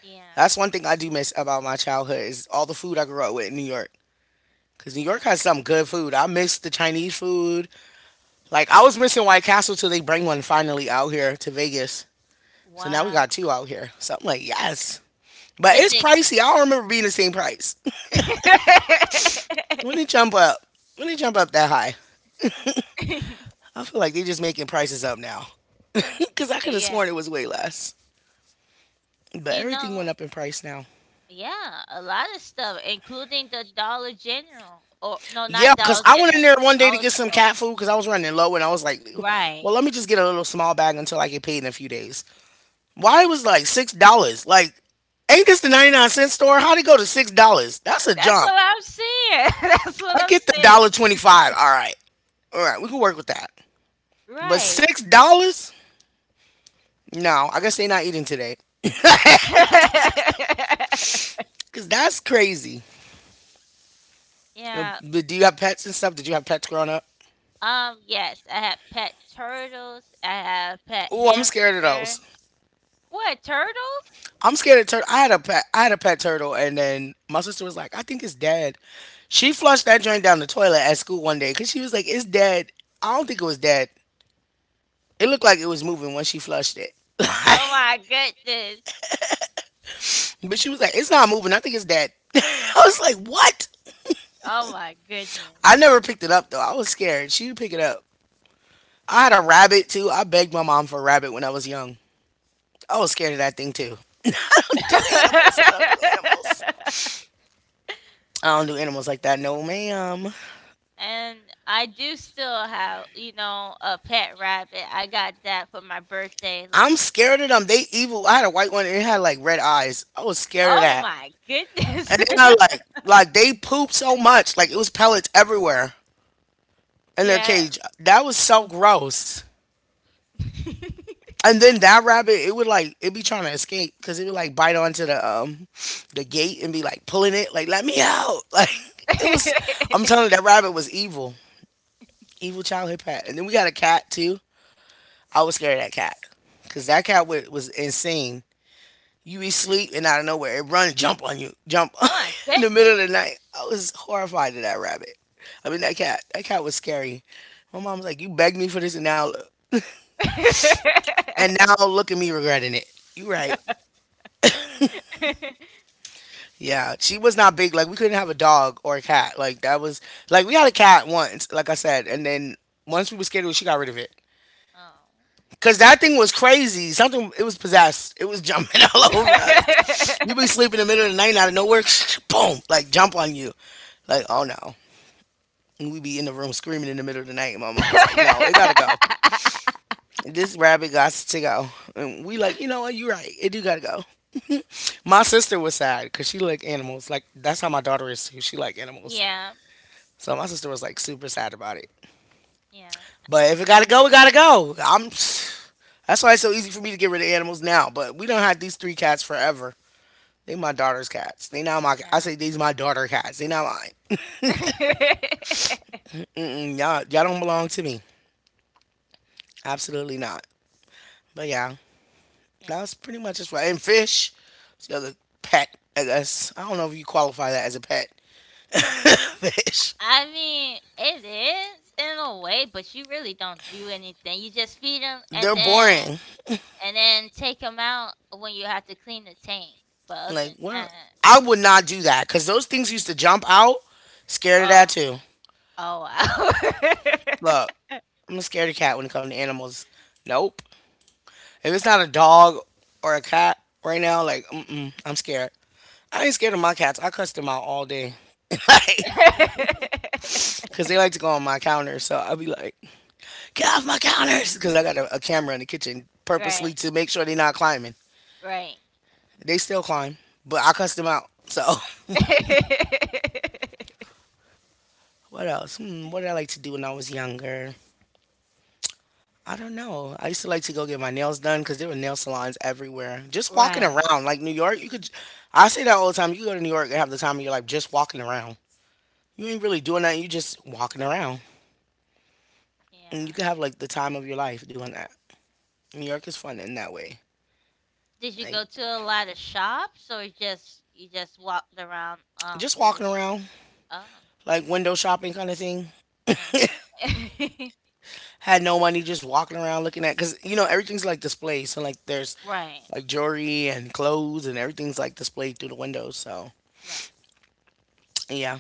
Yeah, that's one thing I do miss about my childhood is all the food I grew up with in New York. Cause New York yeah. has some good food. I miss the Chinese food. Like I was missing White Castle till they bring one finally out here to Vegas. So now we Wow. got two out here. So I'm like yes, but Is it's it? pricey. I don't remember being the same price. When they jump up, when they jump up that high, [LAUGHS] I feel like they're just making prices up now. [LAUGHS] Because I could have Yeah. sworn it was way less. But You everything went know, up in price now. yeah, a lot of stuff, including the Dollar General. Or no, Yeah, not because Dollar I went in General, there but one day to Dollar get some Store. cat food because I was running low and I was like, well, Right. let me just get a little small bag until I get paid in a few days. Why it was like six dollars? Like, ain't this the ninety-nine cent store? How'd it go to six dollars? That's a That's jump. what I'm saying. [LAUGHS] That's what I I'm get the saying. dollar twenty-five. All right. All right. We can work with that. But Right. six dollars? No, I guess they're not eating today. [LAUGHS] [LAUGHS] Cause that's crazy. Uh, Yeah. But do you have pets and stuff? Did you have pets growing up? Um, yes, I have pet turtles. I have pet Oh, I'm scared of hamster. those. What, turtles? I'm scared of turtle. I had a pet. I had a pet turtle, and then my sister was like, "I think it's dead." She flushed that joint down the toilet at school one day because she was like, "It's dead." I don't think it was dead. It looked like it was moving when she flushed it. [LAUGHS] But Oh my goodness. she was like, "It's not moving. I think it's dead." [LAUGHS] I was like, "What?" Oh my I goodness. never picked it up though. I was scared. She would pick it up. I had a rabbit too. I begged my mom for a rabbit when I was young. I was scared of that thing too. [LAUGHS] I don't do animals. I don't do animals. [LAUGHS] I don't do animals like that. No, ma'am. And I do still have, you know, a pet rabbit. I got that for my birthday. I'm scared of them. They evil. I had a white one and it had like red eyes. I was scared of Oh that. my goodness. And [LAUGHS] then I like like they pooped so much. Like it was pellets everywhere in their Yeah. cage. That was so gross. [LAUGHS] And then that rabbit, it would like it be trying to escape because it would like bite onto the um the gate and be like pulling it, like let me out. [LAUGHS] Like it was I'm telling you that rabbit was evil. Evil childhood pet. And then we got a cat too. I was scared of that cat because that cat was, was insane. You be sleep and out of nowhere it run jump on you, jump Oh my [LAUGHS] in the middle of goodness. the night. I was horrified of that rabbit. I mean that cat. That cat was scary. My mom was like, you begged me for this and now look- and now look at me regretting it. You right. Yeah, she was not big. Like we couldn't have a dog or a cat. Like that was like we had a cat once, like I said, and then once we were scared of it, she got rid of it. Cause that thing was crazy. Something it was possessed. It was jumping [LAUGHS] all over us. You [LAUGHS] be Oh. [LAUGHS] sleeping in the middle of the night and out of nowhere, [SNIFFS] [TSK] boom, like jump on you. Like, oh no. And we be in the room screaming in the middle of the night. And my mom was like, no, it gotta go. [LAUGHS] This rabbit got to go. And we like, you know what, you are right. It do gotta go. My sister was sad because she like animals. Like that's how my daughter is too. She like animals. yeah, So my sister was like super sad about it. yeah, But if it gotta go, it gotta go. I'm [SNIFFS] that's why it's so easy for me to get rid of animals now. But we don't have these three cats forever. They my daughter's cats. They not my. I yeah. say these my daughter cats. They not mine. [LAUGHS] Mm, y'all, y'all don't belong to me. Absolutely not. But yeah, that yeah. was pretty much just right. And fish, it's the other pet. I guess I don't know if you qualify that as a pet. [LAUGHS] Fish, I mean, it is in a way, but you really don't do anything. You just feed them, they're and then boring. and then take them out when you have to clean the tank. But other than Like well, that, I would not do that because those things used to jump out. Scared of oh, that too. oh wow. Look, I'm a scaredy cat when it comes to animals. Nope. If it's not a dog or a cat right now, like, mm-mm, I'm scared. I ain't scared of my cats. I cuss them out all day. [LAUGHS] Like, [LAUGHS] because they like to go on my counter. So I'll be like, get off my counters. [LAUGHS] Because I got a, a camera in the kitchen purposely Right, to make sure they're not climbing. right. They still climb, but I cuss them out. So [LAUGHS] [LAUGHS] what else? Hmm, what did I like to do when I was younger? I don't know. I used to like to go get my nails done because there were nail salons everywhere. Just walking Right. around, like New York, you could. I say that all the time. You go to New York and have the time of your life just walking around. You ain't really doing that. You just walking around, and you Yeah. can have like the time of your life doing that. New York is fun in that way. Did you go Like to a lot of shops, or just you just walked around um just through the walking street? around, Oh, like window shopping kind of thing. okay. Had no money, just walking around looking at, cause you know everything's like displayed. So like there's [LAUGHS] Right, like jewelry and clothes and everything's like displayed through the windows. So right. yeah,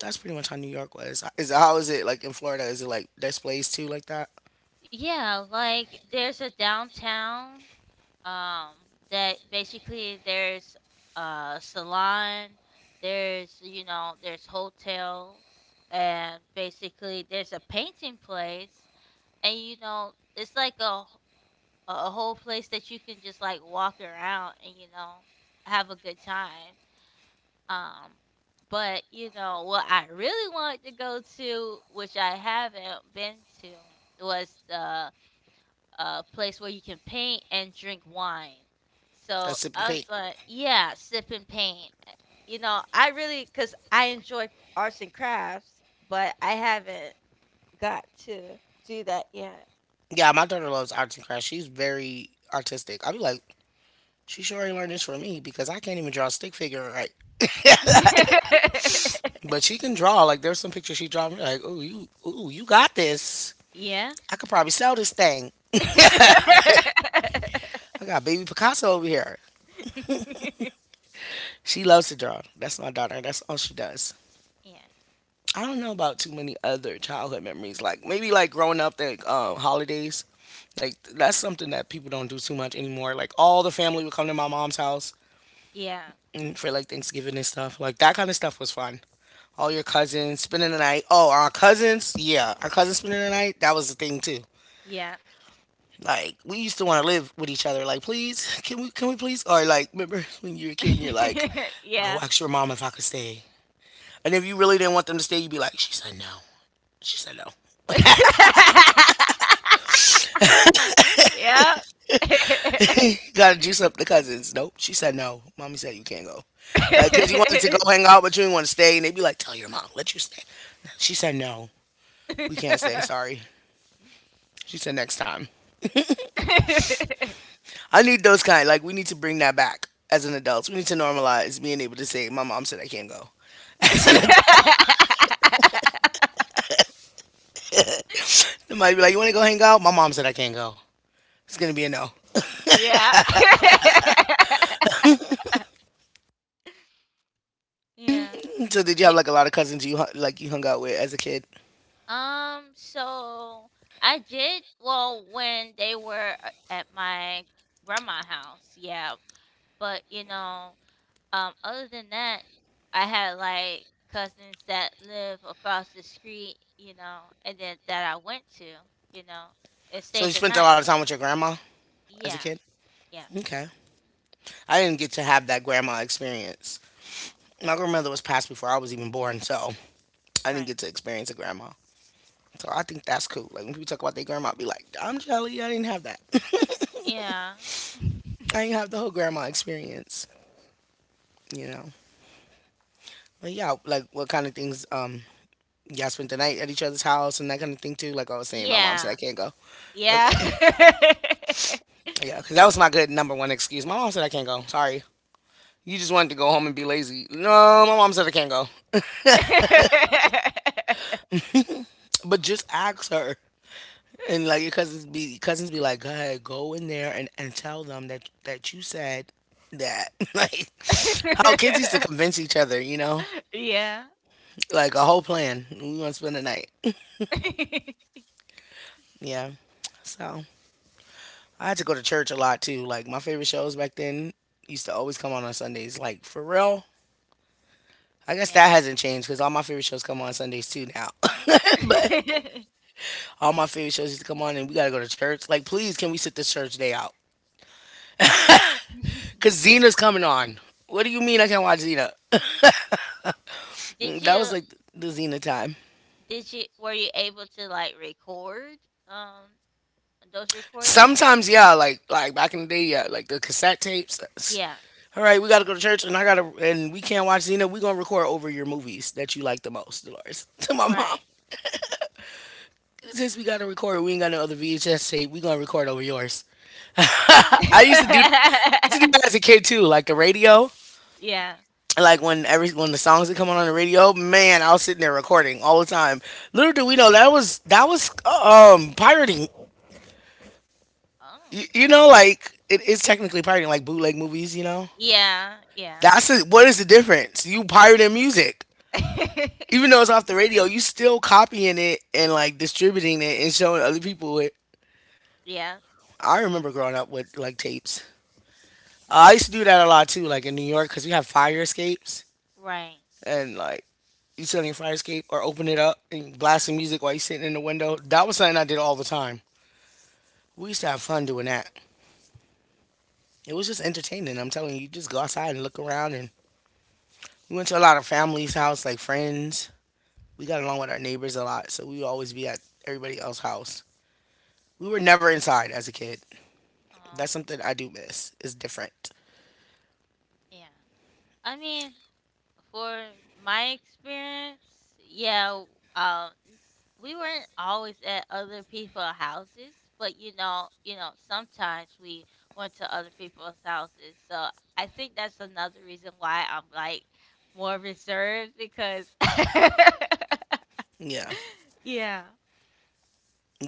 that's pretty much how New York was. Is how is it like in Florida? Is it like displays too like that? Yeah, like there's a downtown um that basically there's a salon, there's you know, there's hotels and basically there's a painting place and you know, it's like a a, a whole place that you can just like walk around and you know have a good time um but you know what I really wanted to go to, which I haven't been to, was the uh place where you can paint and drink wine. So A sip and I was paint. like yeah, sip and paint. you know I really, because I enjoy arts and crafts, but I haven't got to do that yet. Yeah, my daughter loves arts and crafts. She's very artistic. I'd be like, she sure ain't learned this from me because I can't even draw a stick figure right. But she can draw. Like there's some pictures she draw me like, ooh, you ooh, you got this. [LAUGHS] Yeah. I could probably sell this thing. [LAUGHS] I got baby Picasso over here. She loves to draw. That's my daughter. That's all she does. Yeah. I don't know about too many other childhood memories. Like maybe like growing up like um, holidays. Like that's something that people don't do too much anymore. Like all the family would come to my mom's house Yeah. and for like Thanksgiving and stuff. Like that kind of stuff was fun. All your cousins spending the night. Oh, our cousins, yeah, our cousins spending the night. That was the thing too. Yeah. Like we used to want to live with each other. Like, please, can we, can we please? Or like, remember [LAUGHS] when you were a kid and you're like, [LAUGHS] go Yeah. ask your mom if I could stay. And if you really didn't want them to stay, you'd be like, she said no. She said no. [LAUGHS] Yeah. [LAUGHS] [LAUGHS] Gotta juice up the cousins. Nope. She said no. Mommy said you can't go. Like, cause you wanted to go hang out, but you didn't want to stay. And they'd be like, tell your mom, let you stay. She said no. We can't stay. Sorry. She said next time. I need those kind. Like we need to bring that back as an adult. We need to normalize being able to say, "My mom said I can't go." [LAUGHS] As an adult, they be like, "You want to go hang out?" My mom said I can't go. It's gonna be a no. Yeah. [LAUGHS] Yeah. So did you have Ye- like a lot of cousins you like you hung out with as a kid? Um, so I did well when they were a- at my grandma house, yeah. But you know, Um, other than that, I had like cousins that live across the street, you know, and then that I went to, you know, and So you stayed the spent a lot of night. time with your grandma as a Yeah, kid. yeah. Okay, I didn't get to have that grandma experience. Oh, My grandmother was passed before I was even born, so I didn't right. get to experience a grandma. So I think that's cool. Like when people talk about their grandma, I be like, "I'm jelly. I didn't have that. [LAUGHS] Yeah. [LAUGHS] I didn't have the whole grandma experience." You know. But yeah, like what kind of things um y'all spent the night at each other's house and that kind of thing too. Like I was saying, my mom said Yeah. I can't go. Yeah. Okay, Yeah. [LAUGHS] yeah, because that was my good number one excuse. My mom said I can't go. Sorry, you just wanted to go home and be lazy. No, my mom said I can't go. [LAUGHS] But just ask her. And like your cousins be cousins be like, go ahead, go in there and, and tell them that that you said that. [LAUGHS] Like how kids used to convince each other, you know, Yeah. like a whole plan. We want to spend the night. [LAUGHS] [LAUGHS] Yeah. So I had to go to church a lot too. Like my favorite shows back then used to always come on on Sundays. Like for real, I guess Yeah. that [LAUGHS] hasn't changed because all my favorite shows come on Sundays too now. [LAUGHS] But all my favorite shows used to come on, and we gotta go to church. Like please, can we sit this church day out? [LAUGHS] Cause Xena's coming on. What do you mean I can't watch Xena? Did Mm, That was you like the Xena time. Did you were you able to, like, record, um, those recordings or Sometimes yeah, like like back in the day yeah, like the cassette tapes. that's- Yeah, All right, we gotta go to church, and I gotta and we can't watch Xena. We gonna record over your movies that you like the most, Dolores. [LAUGHS] To my right. mom. Since we gotta record, we ain't got no other V H S tape. We gonna record over yours. I used to do that. I used to do that [LAUGHS] as a kid too, like the radio. Yeah. Like when every when the songs that come on on the radio, man, I was sitting there recording all the time. Little do we know that was that was um pirating. Oh. You, you know, like it is technically pirating, like bootleg movies. You know, Yeah, yeah. that's it. What is the difference? You pirating music, even [LAUGHS] though it's off the radio, you still copying it and like distributing it and showing other people it. Yeah, I remember growing up with like tapes. I used to do that a lot too, like in New York, because we have fire escapes right. and like you sit on your fire escape or open it up and blast some music while you're sitting in the window. That was something I did all the time. We used to have fun doing that. It was just entertaining. I'm telling you, you just go outside and look around. And we went to a lot of family's house, like friends. We got along with our neighbors a lot, so we would always be at everybody else's house. We were never inside as a kid. Oh, That's something I do miss. It's different. yeah. I mean, for my experience, yeah, um, we weren't always at other people's houses, but you know, you know, sometimes we went to other people's houses. So I think that's another reason why I'm like more reserved because, Yeah, [LAUGHS] yeah,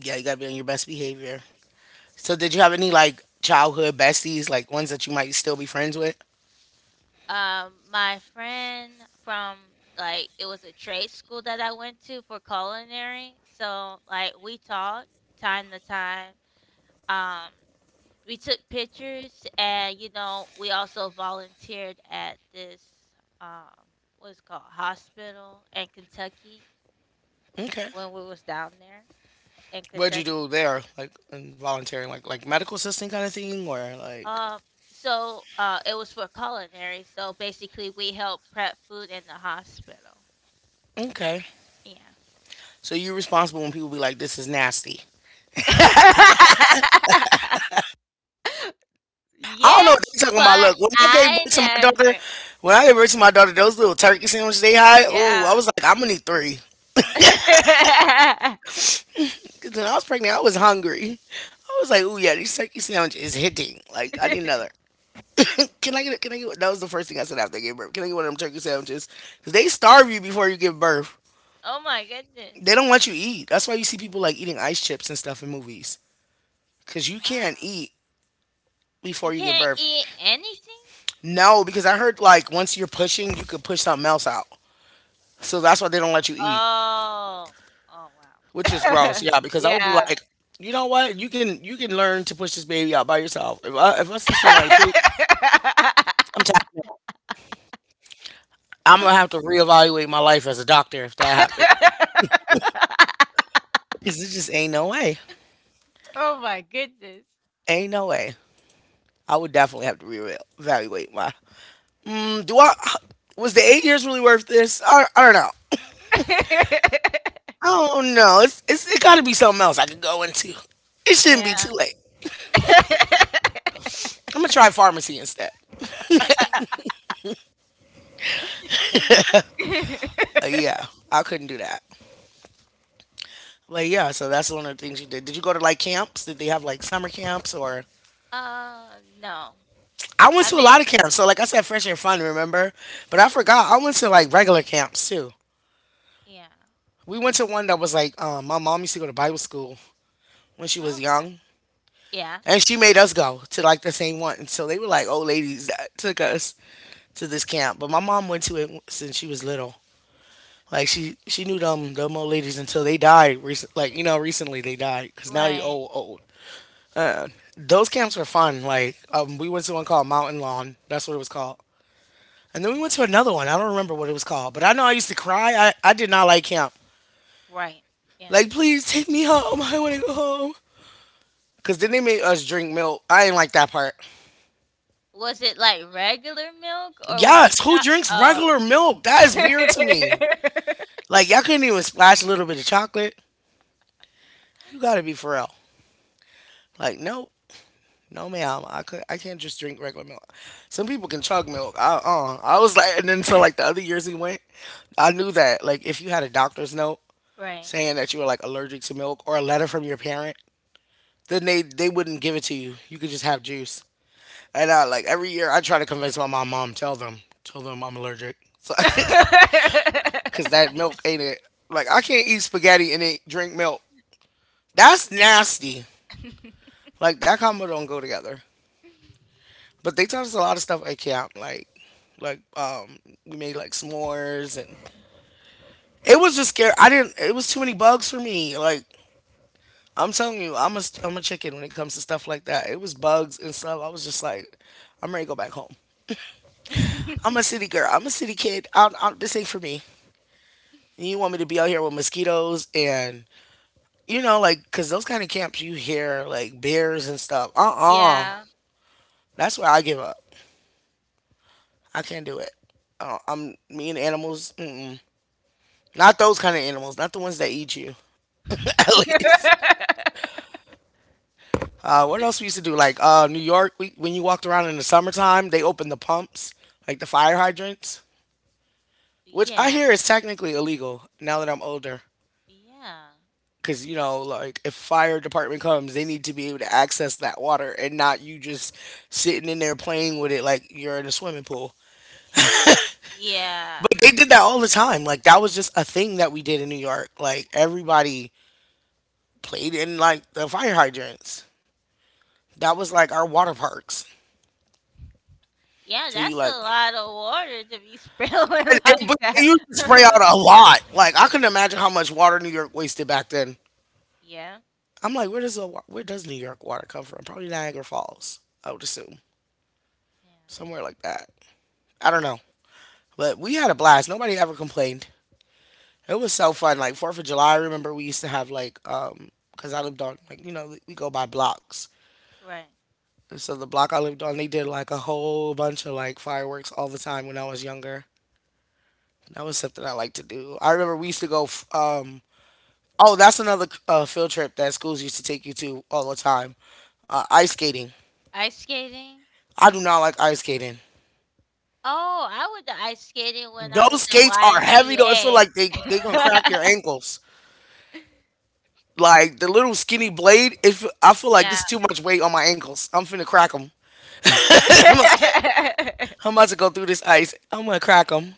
yeah, you gotta be on your best behavior. So did you have any like childhood besties, like ones that you might still be friends with? um, my friend from like it was a trade school that I went to for culinary. So like we talked time to time um we took pictures and you know we also volunteered at this um what's called hospital in Kentucky Okay. when we was down there in What'd you Kentucky. do there? Like in volunteering, like like medical assistant kind of thing or like Um so uh it was for culinary, so basically we helped prep food in the hospital. okay. Yeah. So you're responsible when people be like, "This is nasty. [LAUGHS] I don't know what Yes, they're talking about." but Look, when I gave I birth to my daughter, never when I gave birth to my daughter, those little turkey sandwiches they had, oh, I yeah. was like, I'm gonna need three. [LAUGHS] 'Cause when I was pregnant, I was hungry. I was like, oh yeah, these turkey sandwiches is hitting. Like, I need another. Can, I get? A, can I get? One?" That was the first thing I said after I gave birth. Can I get one of them turkey sandwiches? Because they starve you before you give birth. Oh my They goodness. don't let you eat. That's why you see people like eating ice chips and stuff in movies. Because you can't Wow. eat You before you give can't birth. eat anything? No, because I heard like once you're pushing, you could push something else out. So that's why they don't let you eat, Oh. Oh, wow. which is gross. [LAUGHS] Yeah, because I would be Yeah. like, you know what? You can you can learn to push this baby out by yourself. If I if I see somebody poop, I'm [LAUGHS] tired. I'm gonna have to reevaluate my life as a doctor if that happens. Because it just ain't no way. Oh my goodness. Ain't no way. I would definitely have to reevaluate my. Mm, do I? Was the eight years really worth this? I, I don't know. [LAUGHS] Oh no, it's, it's it got to be something else I could go into. It shouldn't be Yeah. too late. I'm gonna try pharmacy instead. [LAUGHS] Uh, yeah, I couldn't do that. But yeah, so that's one of the things you did. Did you go to like camps? Did they have like summer camps or? Uh, no. I went I to a lot mean of camps. So like I said, fresh air fun, remember? But I forgot I went to like regular camps too. yeah. We went to one that was like um, my mom used to go to Bible school when she was Okay. young, Yeah. and she made us go to like the same one. So they were like old ladies that took us to this camp. But my mom went to it since she was little. Like she she knew them them old ladies until they died. Recent, like you know, recently they died because now they Right. old old. Uh, those camps were fun. Like um, we went to one called Mountain Lawn. That's what it was called. And then we went to another one. I don't remember what it was called, but I know I used to cry. I, I did not like camp. Right. Yeah. Like, please take me home. I want to go home. Cause then they made us drink milk. I didn't like that part. Was it like regular milk or was it Yes, who chopped? drinks Oh. regular milk? That is weird to me. [LAUGHS] Like y'all couldn't even splash a little bit of chocolate. You gotta be for real. Like nope, no ma'am. I could I can't just drink regular milk. Some people can chug milk. I uh, I was like, and then so like the other years he went, I knew that like if you had a doctor's note Right. saying that you were like allergic to milk or a letter from your parent, then they they wouldn't give it to you. You could just have juice. And I like every year I try to convince my mom, mom, tell them, tell them I'm allergic. So [LAUGHS] because that milk ain't it. Like I can't eat spaghetti and then drink milk. That's nasty. [LAUGHS] Like that combo don't go together. But they taught us a lot of stuff at camp. Like like um we made like s'mores and it was just scary. I didn't. It was too many bugs for me. Like I'm telling you, I'm a I'm a chicken when it comes to stuff like that. It was bugs and stuff. I was just like, I'm ready to go back home. I'm a city girl. I'm a city kid. I, I, this ain't for me. And you want me to be out here with mosquitoes and you know, like, because those kind of camps, you hear, like, bears and stuff. Uh-uh. Yeah. That's where I give up. I can't do it. Uh, I'm, me and animals, mm-mm. Not those kind of animals. Not the ones that eat you, [LAUGHS] at least. [LAUGHS] Uh, what else we used to do? Like, uh, New York, we, when you walked around in the summertime, they opened the pumps, like the fire hydrants, which I Yeah. hear is technically illegal now that I'm older. Yeah. Because, you Uh, know, like, if fire department comes, they need to be able to access that water and not you just sitting in there playing with it like you're in a swimming pool. Yeah. They did that all the time. Like that was just a thing that we did in New York. Like everybody played in like the fire hydrants. That was like our water parks. Yeah, So you that's a like, lot of water to be spilling and, [LAUGHS] and, like but they that. used to spray [LAUGHS] out a lot. Like I couldn't imagine how much water New York wasted back then. Yeah. I'm like, where does the wa- where does New York water come from? Probably Niagara Falls. I would assume Yeah. somewhere like that. I don't know, but we had a blast. Nobody ever complained. It was so fun. Like Fourth of July, I remember we used to have like um, cause I lived on like you know we go by blocks. Right. So the block I lived on, they did like a whole bunch of like fireworks all the time when I was younger. That was something I liked to do. I remember we used to go. f- Um, oh, that's another uh, field trip that schools used to take you to all the time. Uh, ice skating. Ice skating? I do not like ice skating. Oh, I went to ice skating when I Those was in skates are heavy though. It feel Y M C A. like they they gonna crack your [LAUGHS] ankles. Like the little skinny blade. If I feel like this Yeah. is too much weight on my ankles, I'm finna crack them. [LAUGHS] [LAUGHS] I'm about to go through this ice. I'm gonna crack 'em.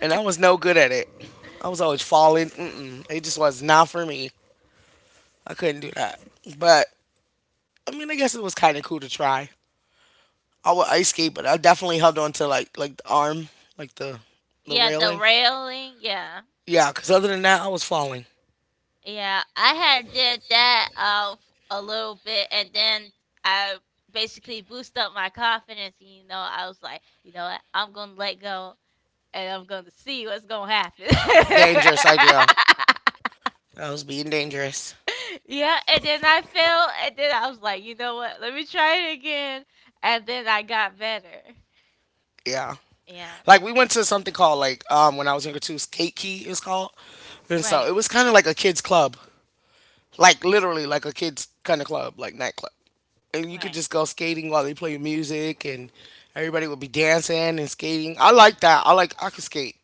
And I was no good at it. I was always falling. Mm-mm. It just was not for me. I couldn't do that. But I mean, I guess it was kind of cool to try. I would ice skate, but I definitely held on to like like the arm, like the the Yeah, the railing. railing. Yeah. Yeah, because other than that, I was falling. Yeah, I had did that uh, f- a little bit, and then I basically boost up my confidence. And, you know, I was like, you know what, I'm gonna let go, and I'm gonna see what's gonna happen. [LAUGHS] Dangerous idea. I was being dangerous. Yeah, and then I fell, and then I was like, you know what, let me try it again, and then I got better. Yeah. Yeah, Like we went to something called like um when I was younger too, Skate Key is called. And so right, it was kind of like a kids club. Like literally like a kids kind of club, like nightclub. And you could right, just go skating while they play music, and everybody would be dancing and skating. I like that. I like I could skate.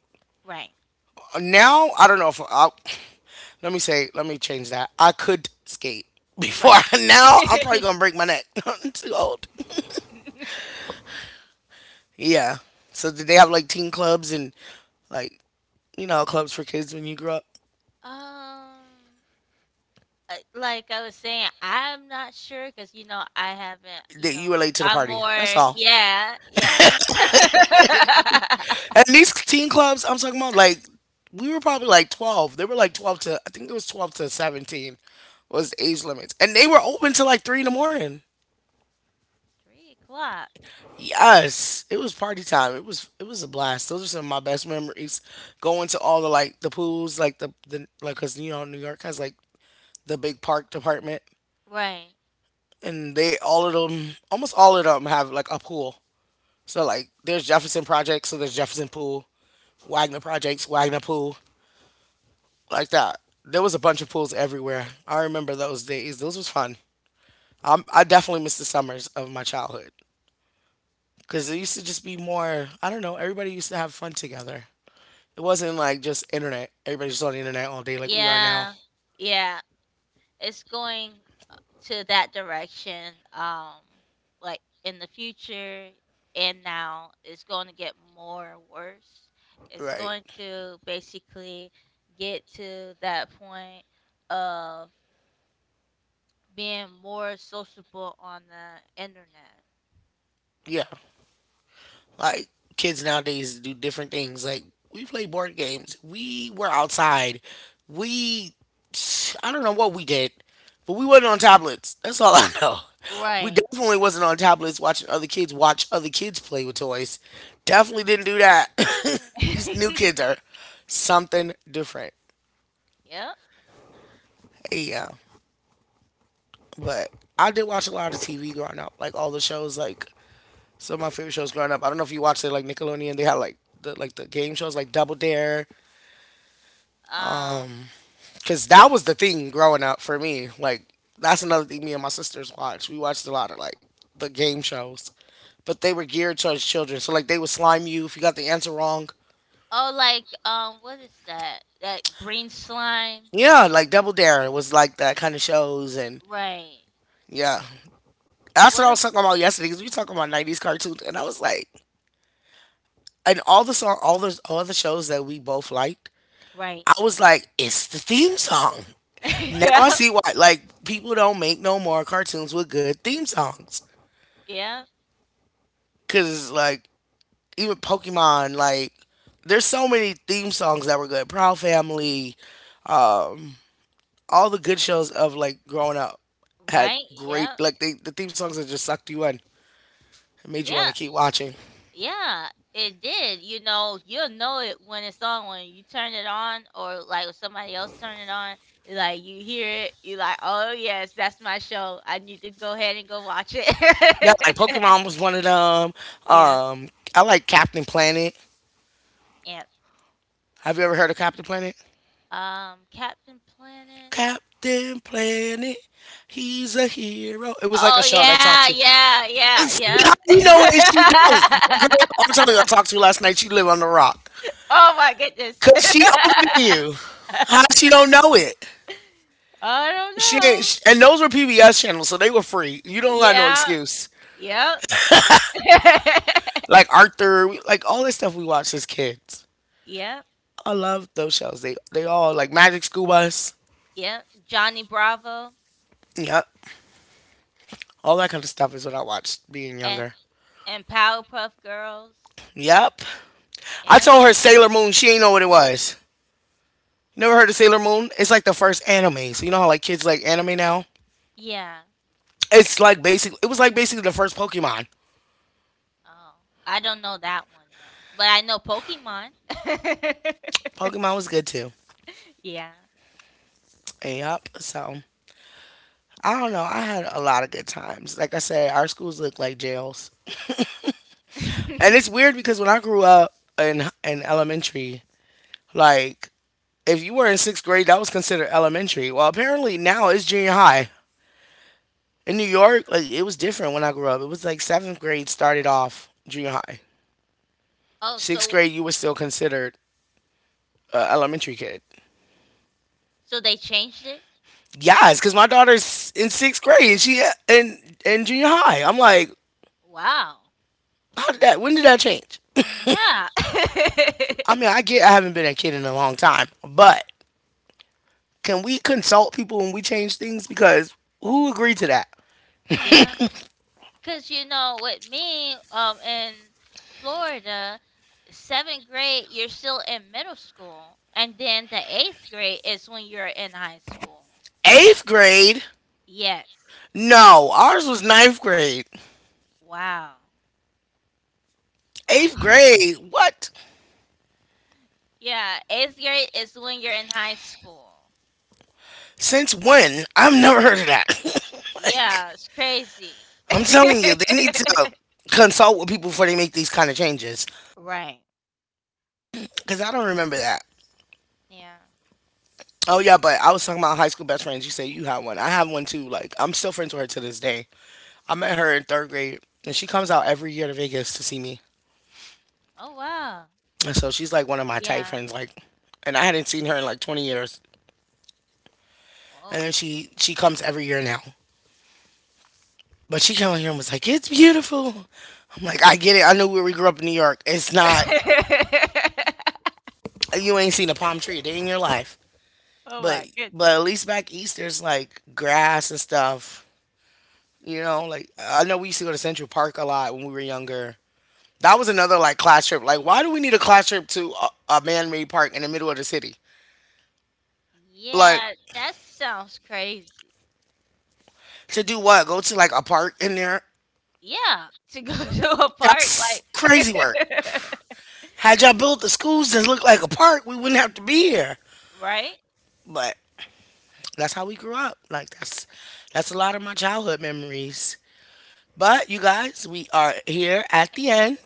right, Now I don't know if I. [SNIFFS] Let me say. Let me change that. I could skate before. right. [LAUGHS] Now I'm probably [LAUGHS] gonna break my neck. [LAUGHS] I'm too old. Yeah. So did they have like teen clubs and like you know clubs for kids when you grew up? um. Uh, like I was saying, I'm not sure because you know, I haven't, you That know, you relate to the I'm party. more That's all. yeah, yeah. [LAUGHS] And these teen clubs I'm talking about, like we were probably like twelve. They were like twelve to I think it was twelve to seventeen was the age limits. And they were open till like three in the morning. Three o'clock. Yes. It was party time. It was it was a blast. Those are some of my best memories. Going to all the like the pools, like the, the like cause you know New York has like the big park department. Right. And they all of them, almost all of them have like a pool. So like there's Jefferson Project, so there's Jefferson Pool. Wagner Projects, Wagner Pool. Like that. There was a bunch of pools everywhere. I remember those days. Those was fun. Um, I definitely miss the summers of my childhood because it used Yeah. to just be more. I don't know. Everybody used to have fun together. It wasn't like just internet. Everybody's just on the internet all day like we are now. Yeah. Yeah. It's going to that direction, um, like, in the future, and now it's gonna get more worse. It's going Right. to basically get to that point of being more sociable on the internet. Yeah. Like kids nowadays do different things. Like we play board games. We were outside. We I don't know what we did, but we wasn't on tablets. That's all [LAUGHS] I know. We Right. definitely wasn't on tablets watching other kids watch other kids play with toys. Definitely didn't do that. [LAUGHS] These new kids [LAUGHS] are something different. Yep. Hey, yeah, but I did watch a lot of T V growing up, like all the shows. Like some of my favorite shows growing up. I don't know if you watched it, like Nickelodeon. They had like the like the game shows, like Double Dare, Um. cause that was the thing growing up for me. Like that's another thing me and my sisters watched. We watched a lot of like the game shows, but they were geared towards children. So like they would slime you if you got the answer wrong. Oh, like um, what is that? That green slime. Yeah, like Double Dare was like that kind of shows, and Right. yeah, that's What what I a was talking about yesterday. Cause we were talking about nineties cartoons, and I was like, and all the song, all the all the shows that we both liked, right. I was like, it's the theme song. [LAUGHS] Now Yep. I see why like people don't make no more cartoons with good theme songs. Yeah. Cause like even Pokemon, like there's so many theme songs that were good. Proud Family, all the good shows of like growing up had Right. great Yep. like they the theme songs that just sucked you in and made you want to Yeah. keep watching. Yeah. It did. You know, you'll know it when it's on when you turn it on or like if somebody else turn it on. Like you hear it, you like, oh yes, that's my show. I need to go ahead and go watch Yeah, it. like Pokemon was one of them. [LAUGHS] Yeah. Um, I like Captain Planet. and Have you ever heard of Captain Planet? um Captain Planet. Captain Planet, he's a hero. It was like a Oh show that taught yeah, you. yeah, yeah, It's, yep. how you know it? She don't. That girl [LAUGHS] I'm telling you, I talked to last night. She live on the rock. Oh my goodness. Cause she older [LAUGHS] than you. How she don't know it? I don't She ain't, know. sh and those were P B S channels, so they were free. You don't got no Yeah, excuse. yep. [LAUGHS] Like Arthur, we- like all this stuff we watched as kids. Yep, I love those shows. They they all like Magic School Bus. yep. Johnny Bravo Yep. All that kind of stuff is what I watched being and younger. and Powerpuff Girls. Yep. I Yeah. told her Sailor Moon. She ain't know what it was. Never heard of Sailor Moon? It's like the first anime. So you know how like kids like anime now? Yeah. It's like basic. It was like basically the first Pokemon. Oh, I don't know that one though, but I know Pokemon. Pokemon was good too. [LAUGHS] Yeah. Yep. So I don't know. I had a lot of good times. Like I said, our schools look like jails. And it's [LAUGHS] weird because when I grew up in in elementary, like if you were in sixth grade, that was considered elementary. Well, apparently now it's junior high. In New York, like it was different when I grew up. It was like seventh grade started off junior high. Oh, Sixth so grade, you were still considered a elementary kid. so they changed it? Yes, because my daughter's in sixth grade and she in in junior high. I'm like, Wow. how did that? When did that change? Yeah. I mean, [LAUGHS] I get I haven't been a kid in a long time, but can we consult people when we change things? Because who agreed to that? Yeah, because you know, with me, um, in Florida, seventh grade, you're still in middle school, and then the eighth grade is when you're in high school. Eighth grade? Yes. No, ours was ninth grade. Wow. Wow. Eighth [LAUGHS] grade? What? Yeah, eighth grade is when you're in high school. Since when? I've never heard of that. [LAUGHS] Like, Yeah, it's crazy. [LAUGHS] I'm telling you, they need to consult with people before they make these kind of changes. Right. Because I don't remember that. Yeah. Oh, yeah, but I was talking about high school best friends. You say you have one. I have one too. Like, I'm still friends with her to this day. I met her in third grade, and she comes out every year to Vegas to see me. Oh, wow. And so she's like one of my tight Yeah. friends, like, and I hadn't seen her in like twenty years. And Whoa. then she she comes every year now. But she came out here and was like, "It's beautiful." I'm like, "I get it. I know where we grew up in New York. It's not [LAUGHS] you ain't seen a palm tree a day in your life," Oh but my but goodness. at least back east there's like grass and stuff. You know, like I know we used to go to Central Park a lot when we were younger. That was another like class trip. Like, why do we need a class trip to a, a man-made park in the middle of the city? Like Yeah, that sounds crazy. to do what? Go to like a park in there. Yeah, to go [LAUGHS] to a park That's like crazy work. Had y'all built the schools that look like a park, we wouldn't have to be here. [LAUGHS] right? But that's how we grew up. Like that's that's a lot of my childhood memories. But you guys, we are here at the end.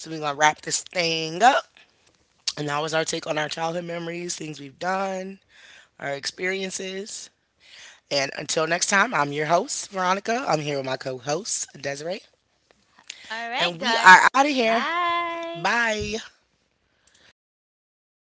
So we're gonna wrap this thing up. And that was our take on our childhood memories, things we've done, our experiences. And until next time, I'm your host, Veronica. I'm here with my co host, Desiree. All right, And we guys. are out of here. Bye. Bye.